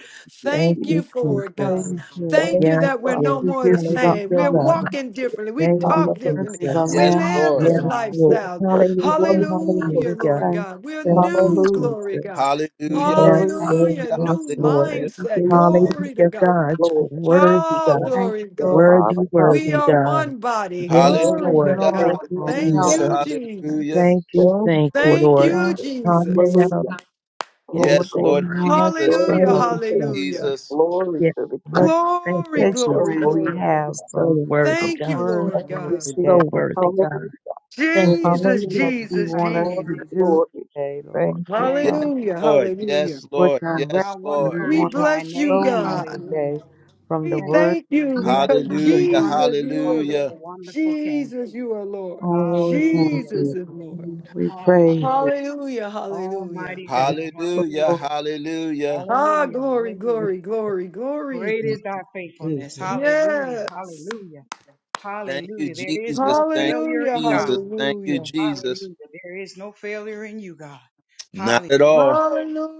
Thank Thank Thank you, you you, We for it, God. Jesus. praise you. Thank Thank you Yes, you, that we're Father. Lord. no We more give the you the same. Hallelujah, We're We God. honor. thank walking you. differently. We Thank You are you, talk Hallelujah. differently. worthy, the Jesus. We Yes, Lamb live Lord. of this Yes, God. Lord. lifestyle. Hallelujah, Glory to you. We Hallelujah, give hallelujah. Lord thanks God. We're Thank you, new, Hallelujah. glory Jesus. God. Hallelujah. to you. Yes, Glory Thank Lord, Hallelujah, you, yes, new Lord. Lord. Hallelujah. Thank We give mindset. you, you. here. Jesus. Glory to Hallelujah, God. God. Lord, You're Worthy, Oh, God. thank Thank glory, you, you, Lord, glory. Father. Worthy, We worthy, Hallelujah. are God. one body. Yes, Hallelujah. Yes, Glory for you, Lord. to Lord, God. Thank Lord. you, for Thank Thank you, Hallelujah. help. you, Jesus. Jesus. Thank Hallelujah. Jesus. Thank Thank you, you, thank you, Lord Thank Jesus. Lord. you, you, Jesus, Hallelujah. Jesus. Hallelujah. for Oh, We what Yes, thank you glory. Lord want us Jesus. to Hallelujah, thank know. Glory you, to the thank hallelujah. you. King. Jesus. Glory Yes, to the God. King. What Thank Glory, Bless you, Jesus. your glory, takeaway You're holy we glory. have so from the worthy, Thank God. you, name, word, Lord Lord, You're God. today. so Jesus. worthy, God. Hallelujah. Thank What it you. is Jesus, Hallelujah. that you Jesus, want Thank us you, Jesus. to Glory, Jesus. do glory. today, Lord. Thank you, Thank Yes, Father. you, Hallelujah, Jesus. Lord. hallelujah. Yes, What Lord. direction Yes, How Lord. you wonderful We is want us to thy bless you, name. go in God. Hallelujah. today from the We Thank you, word thank you that Jesus. you because have given Hallelujah. us. Jesus, Wonderful, you are Hallelujah. Lord. wonderful, wonderful King. Jesus, you are Lord. Oh Lord, thank Hallelujah. Jesus you. is Lord. We praise Hallelujah. Hallelujah, hallelujah. Almighty you. God. Hallelujah. Wonderful Hallelujah. Hallelujah. Ah, Hallelujah. glory, Lord, Hallelujah. glory, glory, glory. Great is thy faithfulness. Jesus. Hallelujah. Yes. Hallelujah. Thank you, Hallelujah. There is Jesus. no Thank failure Hallelujah, you, in Jesus. God. Thank you, hallelujah. Jesus. Hallelujah. There is no failure in you, God. Not at Hallelujah. all.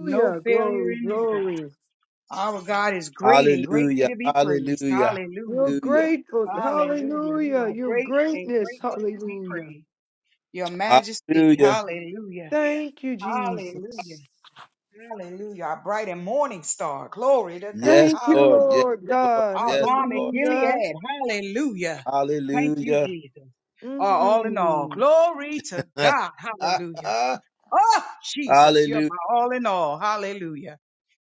No failure glory, in you, God. glory. Our God is great and greatly Hallelujah. to be praised. Hallelujah. Hallelujah. You're Hallelujah. grateful. Hallelujah. You Hallelujah, are your great and greatness. greatly to be Hallelujah. praised. Your majesty. Hallelujah. Hallelujah. Thank you, Hallelujah. Jesus. Hallelujah. Our bright and morning star. Glory to God. Yes, Thank you, Lord. Hallelujah. Yes, Lord Lord. God. Our Yes, balm in Lord. Hallelujah. Gilead. Hallelujah. Thank you, Hallelujah. Jesus. Our all in all. Mm. Glory to God. Hallelujah. Oh, Jesus, you're Hallelujah. my all in all. Hallelujah.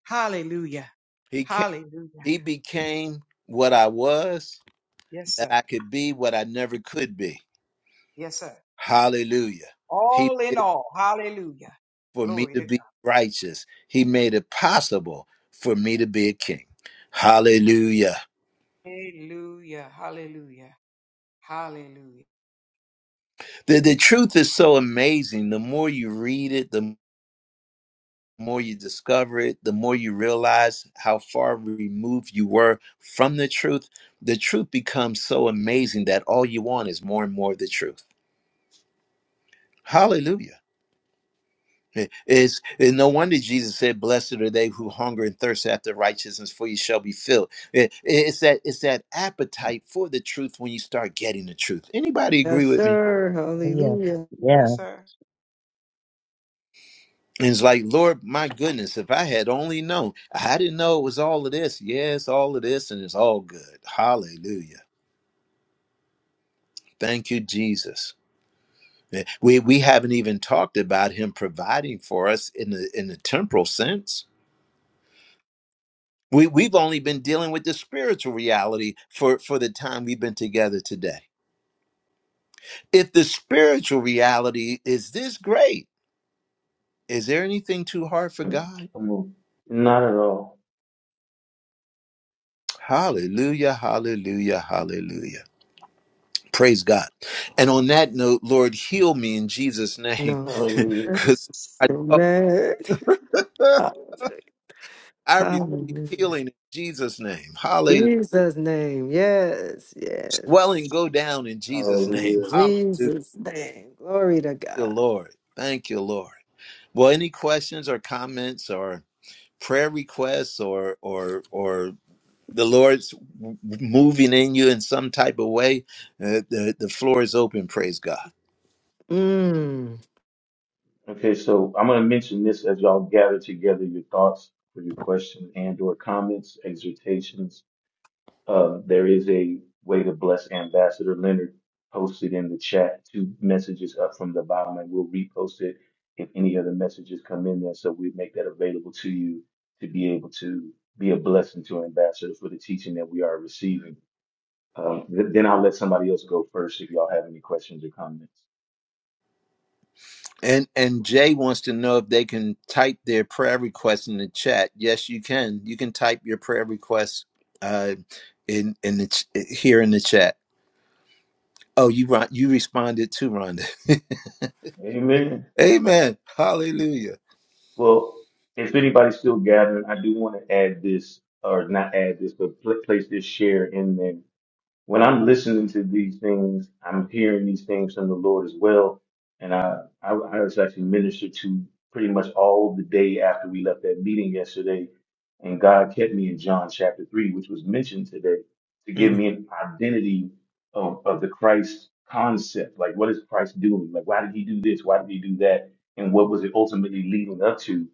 Hallelujah. He came, Hallelujah. he became what I was, Yes, that sir. I could be what I never could be. Yes, sir. Hallelujah. All He. in all. Hallelujah. for me Glory to to be God. righteous. He made it possible for me to be a king. Hallelujah. Hallelujah. Hallelujah. Hallelujah. The, the truth is so amazing. The more you read it, the more you discover it, the more you realize how far removed you were from the truth. The truth becomes so amazing that all you want is more and more of the truth. Hallelujah. It's, it's no wonder Jesus said, "Blessed are they who hunger and thirst after righteousness, for you shall be filled." It- it's that it's that appetite for the truth when you start getting the truth. Anybody agree Yes, with me? sir. Oh, yeah. Hallelujah. Yes, Yeah. sir. And it's like, Lord, my goodness, if I had only known, I didn't know it was all of this. Yes, all of this, and it's all good. Hallelujah. Thank you, Jesus. Eh, We we haven't even talked about Him providing for us in the in the temporal sense We, we've only been dealing with the spiritual reality for, for the time we've been together today. If the spiritual reality is this great, is there anything too hard for God? Come on. Not at all. Hallelujah, hallelujah, hallelujah. Praise God. And on that note, Lord, heal me in Jesus' name. No, sir. Hallelujah. I'm Because I, so mad. I'm Hallelujah. healing in Jesus' name. Hallelujah. Jesus' name. Yes. Swelling Yes. go down in Jesus' name. Hallelujah. Hallelujah, Jesus' name. Glory to God. Lord. Thank you, Lord. Well, any questions or comments or prayer requests or or or the lord's w- moving in you in some type of way uh, the the floor is open praise god Mm. Okay, so I'm going to mention this as y'all gather together your thoughts for your questions and or comments, exhortations, Uh, there is a way to bless Ambassador Leonard posted in the chat. Two messages up from the bottom, and we'll repost it if any other messages come in there. So we make that available to you to be able to be a blessing to Ambassador for the teaching that we are receiving. Um, th- then I'll let somebody else go first if y'all have any questions or comments. and and jay wants to know if they can type their prayer request in the chat yes you can you can type your prayer request uh in in the ch- here in the chat oh you ron- you responded too rhonda Amen. amen hallelujah Well, if anybody's still gathering, I do want to add this, or not add this, but pl- place this share in there. When I listen to these things, these things from the Lord as well. And I pretty much all the day after we left that meeting yesterday and got three, which was midday, to give Mm, you a and do.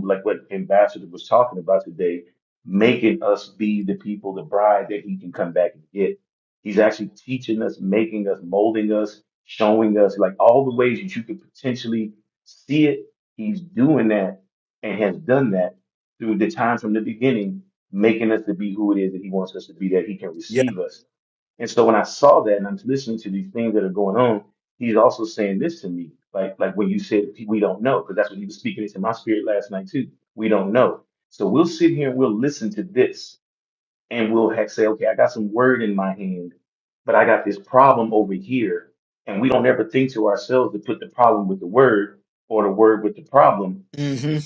to like what Ambassador was talking about today, making us be the people, the bride that he can come back and get. He's actually teaching us, making us, molding us, showing us like all the ways that you could potentially see it. He's doing that and has done that through the time from the beginning, making us to be who it is that he wants us to be, that he can yeah receive us and so when I saw that and I'm listening to these things that are going on, he's also saying this to me, like like when you said we don't know, because that's what he was speaking into my spirit last night too. We don't know. So we'll sit here and we'll listen to this and we'll ha- say, okay, I got some word in my hand, but I got this problem over here. And we don't ever think to ourselves to put the problem with the word or the word with the problem hmm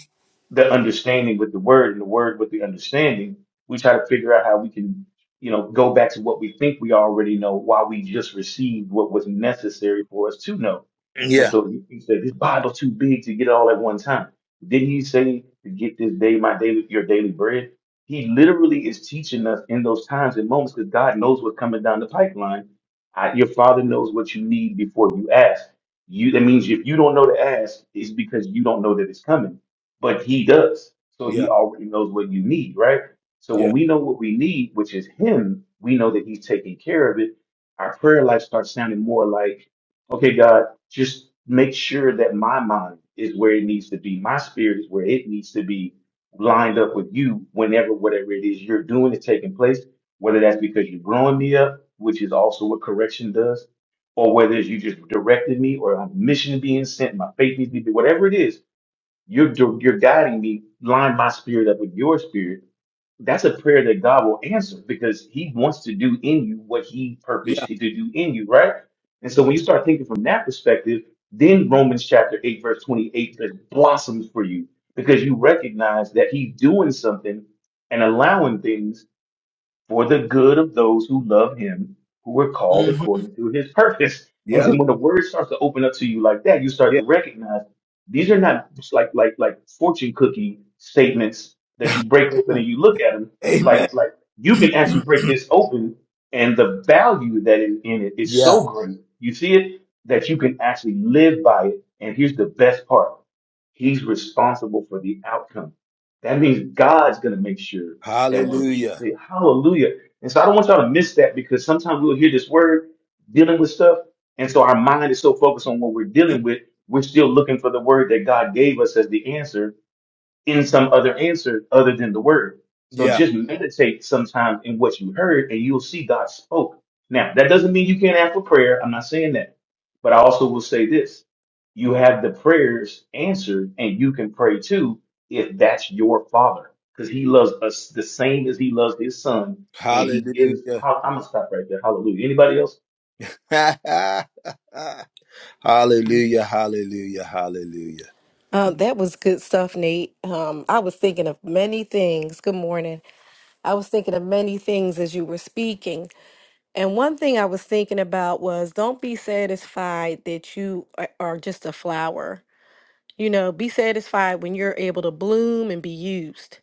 the understanding with the word and the word with the understanding, we try to figure out how we can, you know, go back to what we think we already know while we just received what was necessary for us to know. And yeah so he he said, this Bible too big to get it all at one time. Didn't he say to get this day, my daily, your daily bread? He literally is teaching us in those times and moments because God knows what's coming down the pipeline. I, your father knows what you need before you ask. You, that means if you don't know to ask, it's because you don't know that it's coming but he does. So he yeah already knows what you need, right? So when yeah we know what we need, which is him, we know that he's taking care of it. Our prayer life starts sounding more like, okay, God, just make sure that my mind is where it needs to be. My spirit is where it needs to be lined up with you whenever whatever it is you're doing is taking place, whether that's because you're growing me up, which is also what correction does, or whether it's you just directed me or I'm a mission being sent, my faith needs to be, whatever it is you're du- you're guiding me, line my spirit up with your spirit. That's a prayer that God will answer because He wants to do in you what He purposed to do in you, right? And so when you start thinking from that perspective, then Romans chapter eight verse twenty eight just blossoms for you because you recognize that He's doing something and allowing things for the good of those who love him, who were Mm. called according to his purpose. And then when the word starts to open up to you like that, you start to recognize these are not just like like like fortune cookie statements that you break open and you look at them. amen Like like you can actually break this open, and the value that is in it is yeah so great. You see it that you can actually live by it. And here's the best part: He's responsible for the outcome. That means God's going to make sure that when he hallelujah said, Hallelujah. And so I don't want y'all to miss that because sometimes we'll hear this word dealing with stuff. And so our mind is so focused on what we're dealing with, we're still looking for the word that God gave us as the answer in some other answer other than the word. So Yeah. just meditate sometime in what you heard and you'll see God spoke. Now, that doesn't mean you can't ask for prayer. I'm not saying that. But I also will say this. You have the prayers answered and you can pray too if that's your father because he loves us the same as he loves his son and he gives. Hallelujah. I'm going to stop right there. Hallelujah. Anybody else? hallelujah. Hallelujah. Hallelujah. Uh, that was good stuff, Nate. Um, I was thinking of many things. Good morning. I was thinking of many things as you were speaking. And one thing I was thinking about was don't be satisfied that you a- are just a flower. You know, be satisfied when you're able to bloom and be used.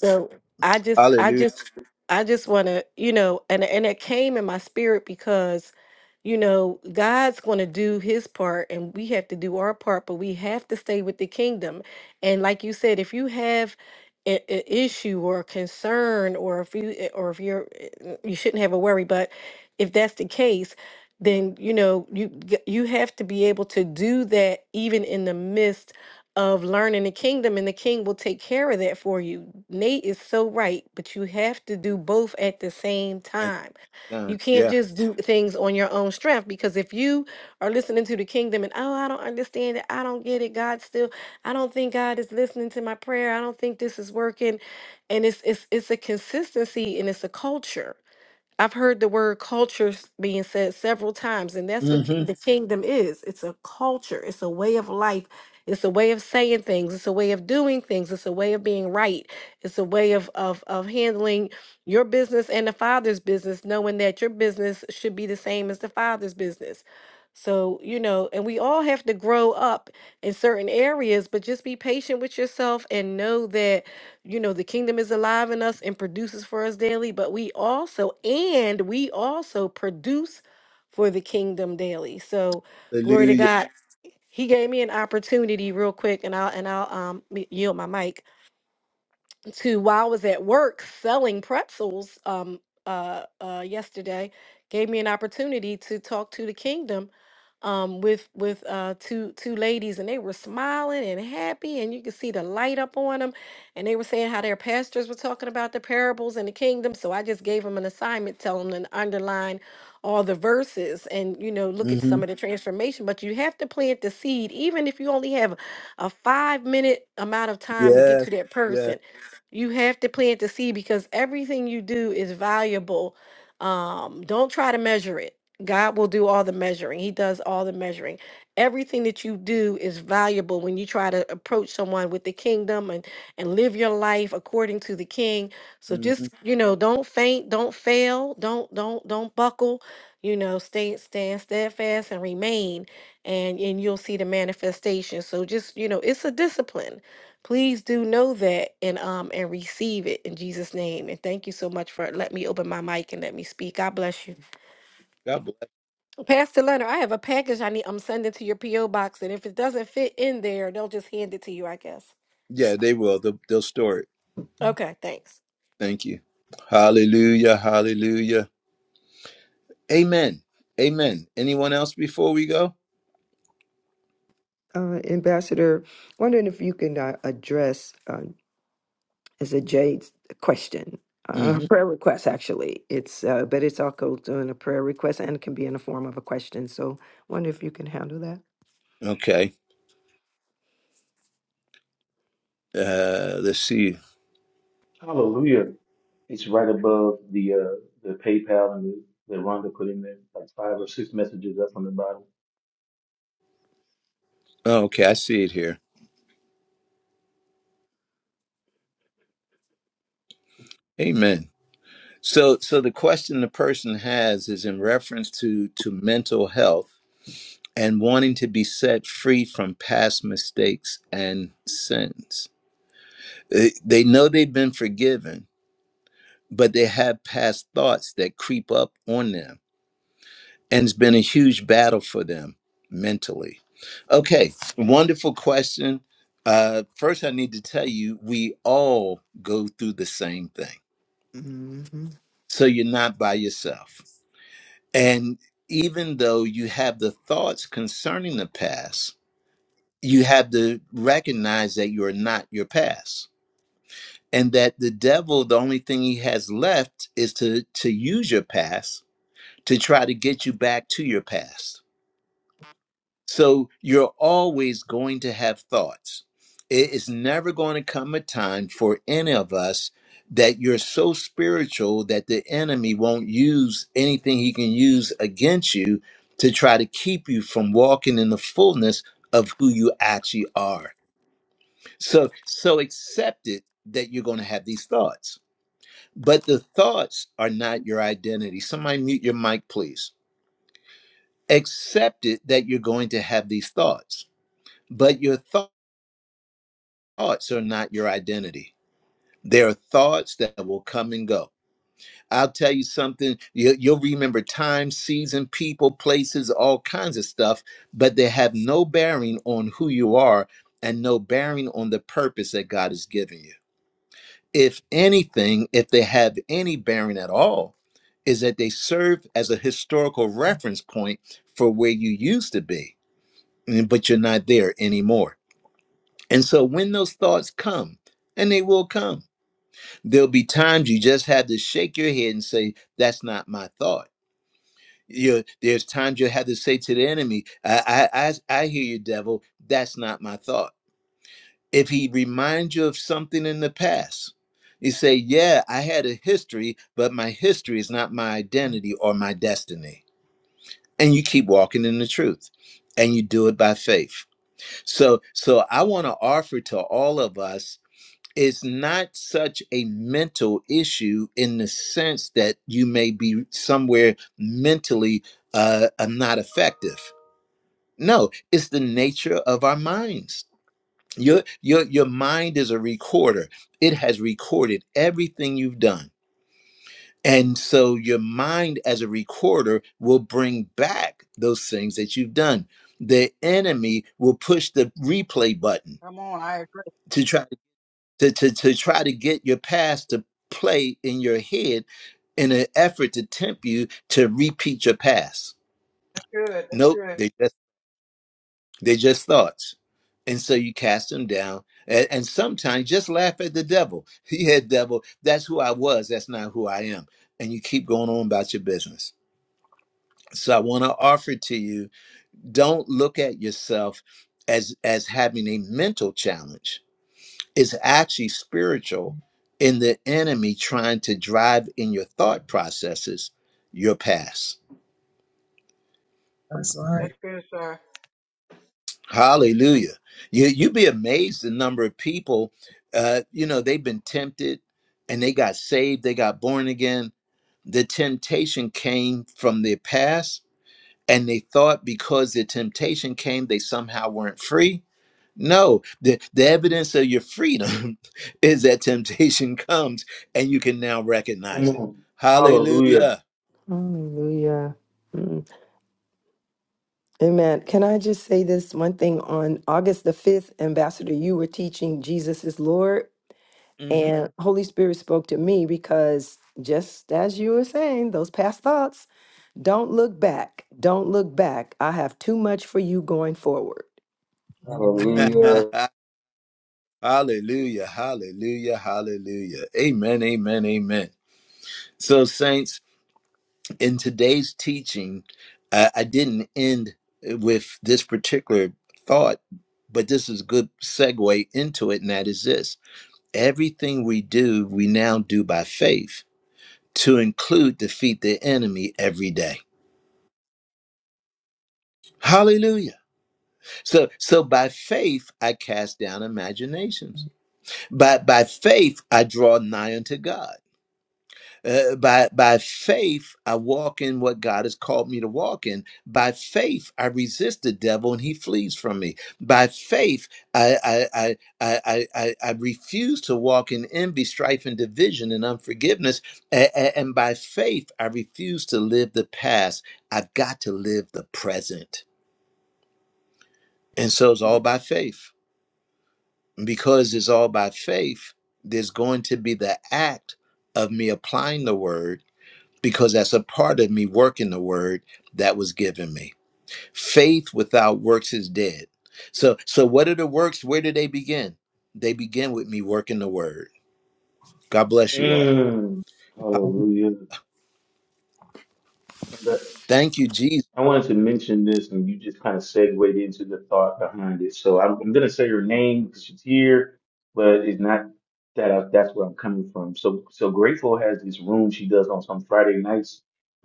So I just, I Hallelujah. just, I just want to, you know, and and it came in my spirit because, you know, God's going to do His part, and we have to do our part, but we have to stay with the kingdom. And like you said, if you have an issue or a concern, or if you, eh, or if you're, eh, you shouldn't have a worry, but if that's the case, then you know you g- you have to be able to do that even in the midst of learning the kingdom and the king will take care of that for you. Nate is so right, but you have to do both at the same Thank time. you, son. You can't Yeah. just do things on your own strength because if you are listening to the kingdom and oh, I don't understand it, I don't get it, God still, I don't think God is listening to my prayer. I don't think this is working. And it's it's it's a consistency and it's a culture. I've heard the word culture s- being said several times, and that's what ki- hmm the kingdom is. It's a culture, it's a way of life, it's a way of saying things, it's a way of doing things, it's a way of being right, it's a way of of of handling your business and the father's business, knowing that your business should be the same as the father's business. So, you know, and we all have to grow up in certain areas, but just be patient with yourself and know that you know the kingdom is alive in us and produces for us daily but we also and we also produce for the kingdom daily so glory to Hallelujah. god Yes. he gave me an opportunity real quick and i'll and i'll um m- yield my mic to while I was at work selling pretzels um uh uh yesterday gave me an opportunity to talk to the kingdom um with with uh two two ladies and they were smiling and happy and you could see the light up on them and they were saying how their pastors were talking about the parables in the kingdom so I just gave them an assignment tell them to underline all the verses and you know look at hmm some of the transformation but you have to plant the seed even if you only have a 5 minute amount of time to get Yes. to that Yes. person you have to plant the seed because everything you do is valuable. Um, don't try to measure it. God will do all the measuring. He does all the measuring. Everything that you do is valuable when you try to approach someone with the kingdom and and live your life according to the king. So hmm just, you know, don't faint, don't fail, don't don't don't buckle, you know, stay stand steadfast and remain and and you'll see the manifestation. So just, you know, it's a discipline Please do know that and um and receive it in Jesus' name. And thank you so much for let me open my mic and let me speak. God bless you. God bless. Pastor Leonard, I have a package I need I'm sending to your PO box. And if it doesn't fit in there, they'll just hand it to you, I guess. Yeah, they will. They'll, they'll store it. Okay, thanks. Thank you. Hallelujah. Hallelujah. Amen. Amen. Anyone else before we go? Uh, Ambassador, wondering if you can uh, address uh, as a Jade's question, uh, hmm prayer request actually. It's uh, but it's also doing a prayer request and can be in the form of a question. So, wonder if you can handle that. Okay. Uh, let's see. Hallelujah. It's right above the, uh, the PayPal and the, that Rhonda put in there, like five or six messages up on the bottom. Oh, okay. I see it here. Amen. So, so the question the person has is in reference to to mental health and wanting to be set free from past mistakes and sins. They they know they've been forgiven, but they have past thoughts that creep up on them, and it's been a huge battle for them mentally. Okay, wonderful question. Uh, first, I need to tell you, we all go through the same thing, Mhm. so you're not by yourself. And even though you have the thoughts concerning the past, you have to recognize that you are not your past. And that the devil, the only thing he has left is to, to use your past to try to get you back to your past. So you're always going to have thoughts. It is never going to come a time for any of us that you're so spiritual that the enemy won't use anything he can use against you to try to keep you from walking in the fullness of who you actually are. So so accept it that you're going to have these thoughts. But the thoughts are not your identity. Somebody mute your mic please. Accept it that you're going to have these thoughts. But your thoughts thoughts are not your identity. There are thoughts that will come and go. I'll tell you something, you, you'll remember time, season, people, places, all kinds of stuff, but they have no bearing on who you are and no bearing on the purpose that God has given you. If anything, if they have any bearing at all, is that they serve as a historical reference point for where you used to be, but you're not there anymore. And so when those thoughts come, and they will come, There'll be times you just have to shake your head and say, "That's not my thought." You, there's times you have to say to the enemy, I, "I, I, I hear you, devil. That's not my thought." If he reminds you of something in the past, you say, "Yeah, I had a history, but my history is not my identity or my destiny." And you keep walking in the truth, and you do it by faith. So, so I want to offer to all of us it's not such a mental issue in the sense that you may be somewhere mentally uh, uh, not effective. No, it's the nature of our minds. Your, your, your mind is a recorder, it has recorded everything you've done. And so your mind, as a recorder, will bring back those things that you've done. The enemy will push the replay button Come on. I agree. to try. to, to, to try to get your past to play in your head in an effort to tempt you to repeat your past. That's good. That's Nope, good. they just they just thoughts. And so you cast them down. And, and sometimes just laugh at the devil. Yeah, devil, that's who I was. That's not who I am. And you keep going on about your business. So I want to offer to you, don't look at yourself as as having a mental challenge is actually spiritual in the enemy trying to drive in your thought processes your past. That's right. That's good, sir. Hallelujah. You, you'd be amazed the number of people, uh, you know, they've been tempted and they got saved, they got born again. The temptation came from their past, and they thought because the temptation came, they somehow weren't free No, the, the evidence of your freedom is that temptation comes and you can now Come recognize it. on. Hallelujah. Hallelujah. Hallelujah. Mm. Amen. Can I just say this one thing? On August the 5th, Ambassador, you were teaching Jesus is Lord, Mhm. and Holy Spirit spoke to me because just as you were saying, those past thoughts, don't look back. Don't look back. I have too much for you going forward. Amen. Hallelujah. Hallelujah. Hallelujah. Hallelujah. Amen. Amen. Amen. So, saints, in today's teaching, I, I didn't end with this particular thought, but this is a good segue into it, and that is this everything we do, we now do by faith to include defeat the enemy every day. Hallelujah. So so by faith I cast down imaginations. By by faith I draw nigh unto God. Uh, by by faith I walk in what God has called me to walk in. By faith I resist the devil and he flees from me. By faith I I I I I, I I refuse to walk in envy, strife, and division and unforgiveness. A- a- and by faith I refuse to live the past. I've got to live the present. And so it's all by faith. because it's all by faith, there's going to be the act of me applying the word because that's a part of me working the word that was given me. Faith without works is dead. So so what are the works? Where do they begin? They begin with me working the word. God bless you all. Mm. Hallelujah. But These- I wanted to mention this, and you just kind of segued into the thought behind it. So I'm, I'm going to say her name because she's here, but it's not that I, that's where I'm coming from. So, so Grateful has this room she does on some Friday nights,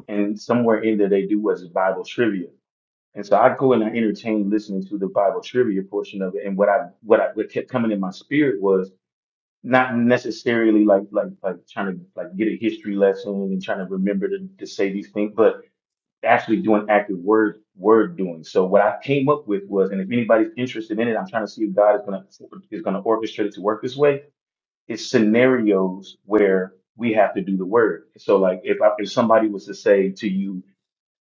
and somewhere in there they do what's Bible trivia. And so I go and I entertain listening to the Bible trivia portion of it. And what I what I what kept coming in my spirit was not necessarily like like like trying to like get a history lesson and trying to remember to, to say these things, but actually doing active word word doing. So what I came up with was, and if anybody's interested in it, I'm trying to see if God is gonna is gonna orchestrate it to work this way. It's scenarios where we have to do the word. So like if I, if somebody was to say to you,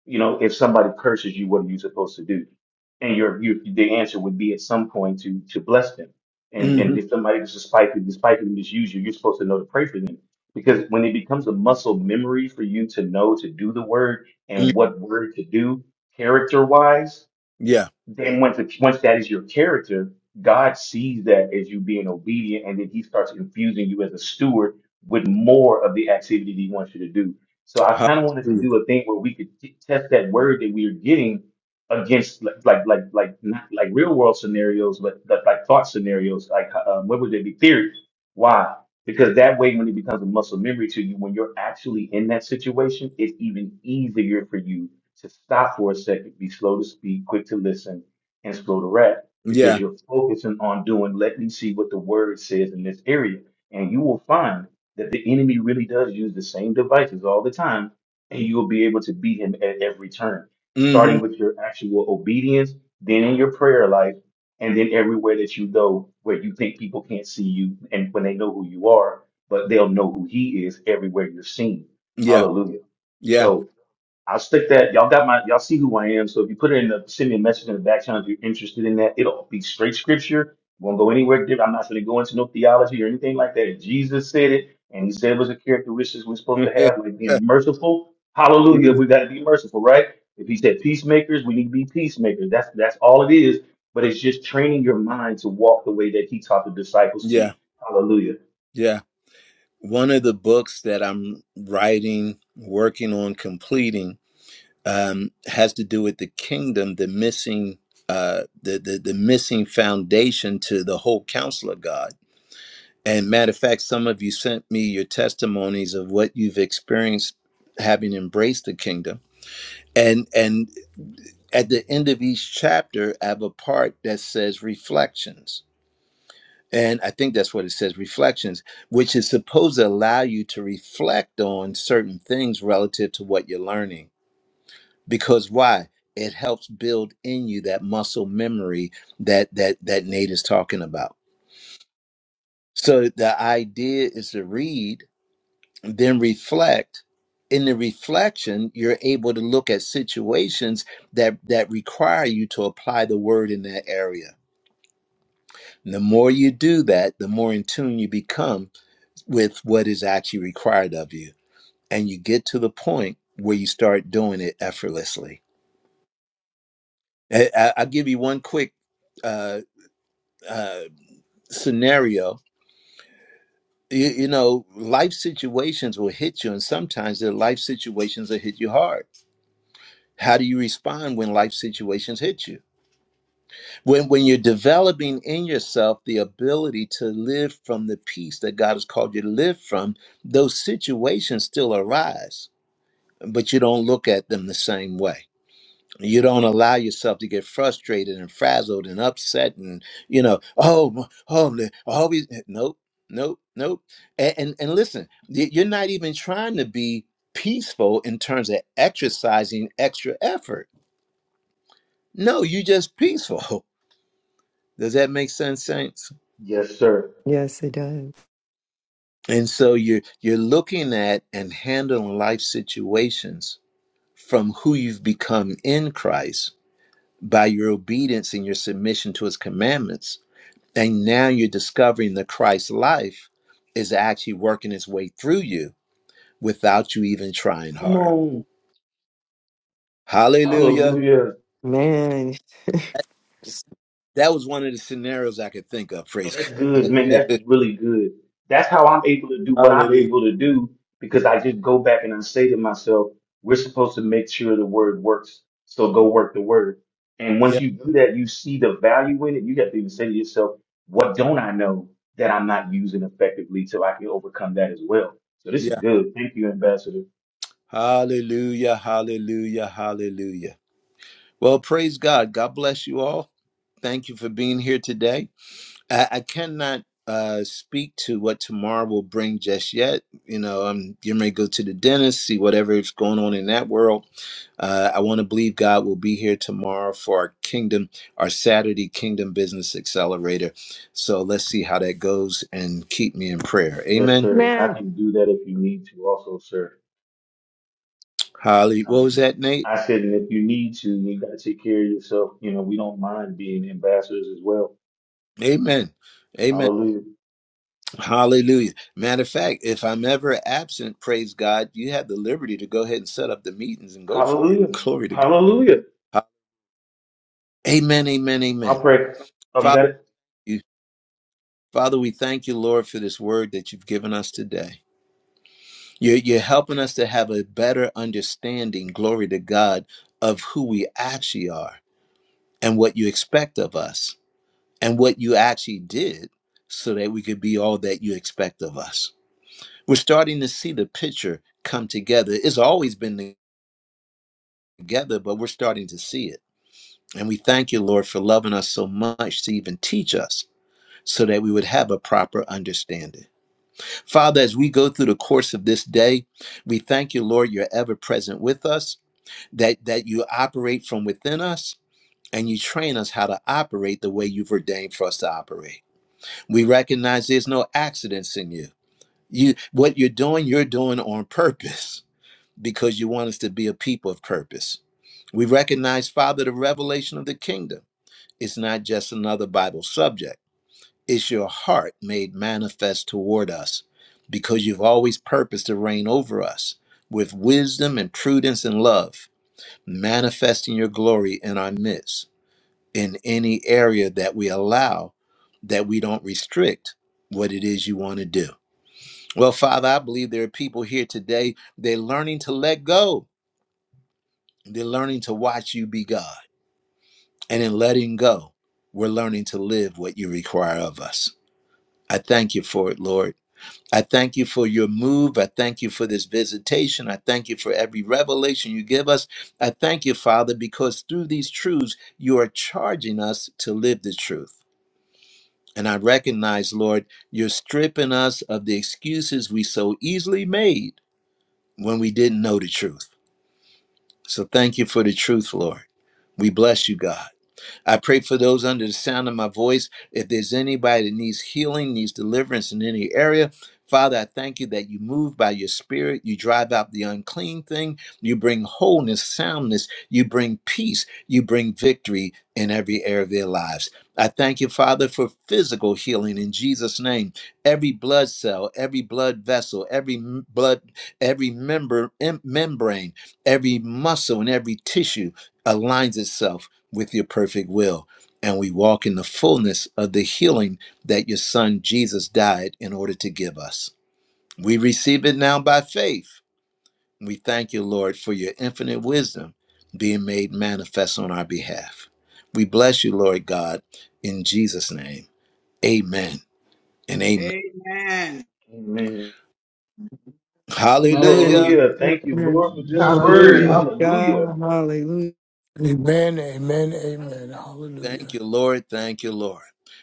you know, if somebody curses you, what are you supposed to do? And your, your the answer would be at some point to to bless them. And hmm and if somebody was despitefully despitefully misuse you, you're supposed to know to pray for them. Because when it becomes a muscle memory for you to know to do the word and what word to do character wise, Yeah. then once it, once that is your character, God sees that as you being obedient, and then He starts infusing you as a steward with more of the activity that He wants you to do. So I Hallelujah. kind of wanted to do a thing where we could t- test that word that we are getting against like like like like not like real world scenarios, but but like thought scenarios, like uh, um, what would they be theory? Why? Because that way, when it becomes a muscle memory to you, when you're actually in that situation, it's even easier for you to stop for a second, be slow to speak, quick to listen, and slow to rap because Yeah. you're focusing on doing, let me see what the word says in this area. And you will find that the enemy really does use the same devices all the time, and you will be able to beat him at every turn, Mm, starting with your actual obedience, then in your prayer life, and then everywhere that you go where you think people can't see you and when they know who you are, but they'll know who he is everywhere you're seen. yeah. Hallelujah. Yeah. So. I'll stick that. Y'all got my. Y'all see who I am. So if you put it in the send me a message in the back channel if you're interested in that, it'll be straight scripture. Won't go anywhere different. I'm not going to go into no theology or anything like that. Jesus said it, and He said it was a characteristic we're supposed to have, like being merciful. Hallelujah. Mhm. We got to be merciful, right? If He said peacemakers, we need to be peacemakers. That's that's all it is. But it's just training your mind to walk the way that He taught the disciples to. Yeah. Hallelujah. Yeah. One of the books that I'm writing, working on completing um, has to do with the kingdom, the missing, uh, the, the the missing foundation to the whole counsel of God. And matter of fact, some of you sent me your testimonies of what you've experienced having embraced the kingdom. And and at the end of each chapter, I have a part that says reflections. And I think that's what it says, reflections, which is supposed to allow you to reflect on certain things relative to what you're learning because why it helps build in you that muscle memory that that that nate is talking about so the idea is to read then reflect in the reflection you're able to look at situations that that require you to apply the word in that area and the more you do that the more in tune you become with what is actually required of you and you get to the point where you start doing it effortlessly I, I, i'll give you one quick uh, uh, scenario you, you know life situations will hit you and sometimes the life situations that hit you hard how do you respond when life situations hit you when when you're developing in yourself the ability to live from the peace that god has called you to live from those situations still arise but you don't look at them the same way you don't allow yourself to get frustrated and frazzled and upset and you know oh m- oh li- always nope nope nope and and, and listen y- you're not even trying to be peaceful in terms of exercising extra effort no you just peaceful does that make sense saints Yes, sir. Yes, it does. and so you're you're looking at and handling life situations from who you've become in christ by your obedience and your submission to his commandments And now you're discovering that Christ's life is actually working its way through you without you even trying Come hard. on. Hallelujah. Hallelujah. Man, That was one of the scenarios I could think of. So Praise That's God. good, man. That's really good. That's how I'm able to do what I'm Hallelujah. able to do because I just go back and I say to myself, we're supposed to make sure the word works. So go work the word. And once Yeah, you do that, you see the value in it. You have to even say to yourself, what don't I know that I'm not using effectively till I can overcome that as well? So this is yeah. good. Thank you, Ambassador. Hallelujah. Hallelujah. Hallelujah. Well, praise God. God bless you all. Thank you for being here today. I, I cannot uh speak to what tomorrow will bring just yet. You know, I'm you may go to the dentist, see whatever is going on in that world Uh, I want to believe God will be here tomorrow for our kingdom, our Saturday Kingdom Business Accelerator. So let's see how that goes and keep me in prayer. Yes, Amen. sir. I man, can do that if you need to also, sir. Holly, what Um, was that, Nate? I said, and if you need to, you got to take care of yourself. You know, we don't mind being ambassadors as well Amen. Amen. Hallelujah. Hallelujah. Matter of fact, if I'm ever absent, praise God, you have the liberty to go ahead and set up the meetings and go for it. Glory to God. Amen. Amen. Amen. Oh, you Father, got it? you, Father, we thank you, Lord, for this word that you've given us today. You're, you're helping us to have a better understanding, glory to God, of who we actually are and what you expect of us and what you actually did so that we could be all that you expect of us. We're starting to see the picture come together. It's always been together, but we're starting to see it. And we thank you, Lord, for loving us so much to even teach us so that we would have a proper understanding. Father, as we go through the course of this day, we thank you, Lord, you're ever present with us. that that you operate from within us and you train us how to operate the way you've ordained for us to operate. We recognize there's no accidents in you. You what you're doing, you're doing on purpose because you want us to be a people of purpose. We recognize, Father, the revelation of the kingdom. It's not just another Bible subject. It's your heart made manifest toward us because you've always purposed to reign over us with wisdom and prudence and love manifesting your glory in our midst in any area that we allow that we don't restrict what it is you want to do. Well, Father, I believe there are people here today, they're learning to let go. They're learning to watch you be God. And in letting go, we're learning to live what you require of us. I thank you for it, Lord. I thank you for your move. I thank you for this visitation. I thank you for every revelation you give us. I thank you, Father, because through these truths, you are charging us to live the truth. And I recognize, Lord, you're stripping us of the excuses we so easily made when we didn't know the truth. So thank you for the truth, Lord. We bless you, God. I pray for those under the sound of my voice. If there's anybody that needs healing, needs deliverance in any area, Father, I thank you that you move by your spirit. You drive out the unclean thing. You bring wholeness, soundness. You bring peace. You bring victory in every area of their lives. I thank you, Father, for physical healing in Jesus' name. Every blood cell, every blood vessel, every m- blood, every member, em- membrane, every muscle, and every tissue aligns itself with your perfect will. And we walk in the fullness of the healing that your son Jesus died in order to give us. We receive it now by faith. We thank you, Lord, for your infinite wisdom being made manifest on our behalf. We bless you, Lord God, in Jesus' name. Amen and amen. Amen. Amen. Hallelujah. man, Hallelujah. Thank you, amen. Lord, for Oh, this word. glory hallelujah. to Hallelujah. God. Hallelujah. Amen, amen, amen. Thank you. Hallelujah.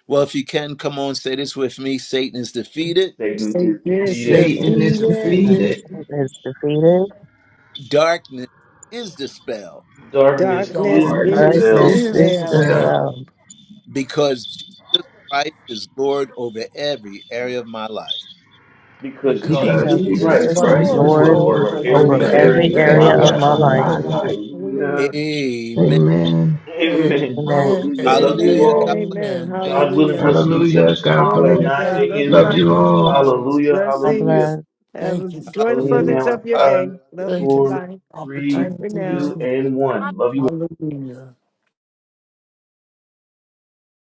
well seated Satan Satan is is defeated. Satan Satan is is defeated. And defeated. defeated, Satan is defeated. in Israel Darkness Darkness is is Darkness darkness Darkness dispelled is is is dispelled dispelled dispelled. dispelled because Jesus Christ is Lord over every area of my life. because because because because Jesus And Jesus Jesus Jesus is Jesus Christ is Christ is Christ is is Lord Lord Lord Lord Lord over over over every over over every area every every every of area my area of area area of life. my of of my my life. my life. life. life. Hallelujah. Hallelujah. Amen. Amen. Amen. Amen. Amen, Hallelujah. Love Amen, you Hallelujah. amen, amen, God. all. amen. amen. Thank- God Thank you, willing, Hallelujah. we'll see Father. each other Hallelujah. God tomorrow at Glory to bless. 9 God. Thank you, Love and a.m. Love light Lord. you Thank to you all. you, all. Jesus. Hallelujah. God Hallelujah. Blessings. bless. Have Thank you for enjoy the your Closing it furtherance lead. now in of your today. five, day. Love you Thank you for four, tonight. the three, Bye for opportunity now. this two, and morning. one. Love you all. Hallelujah.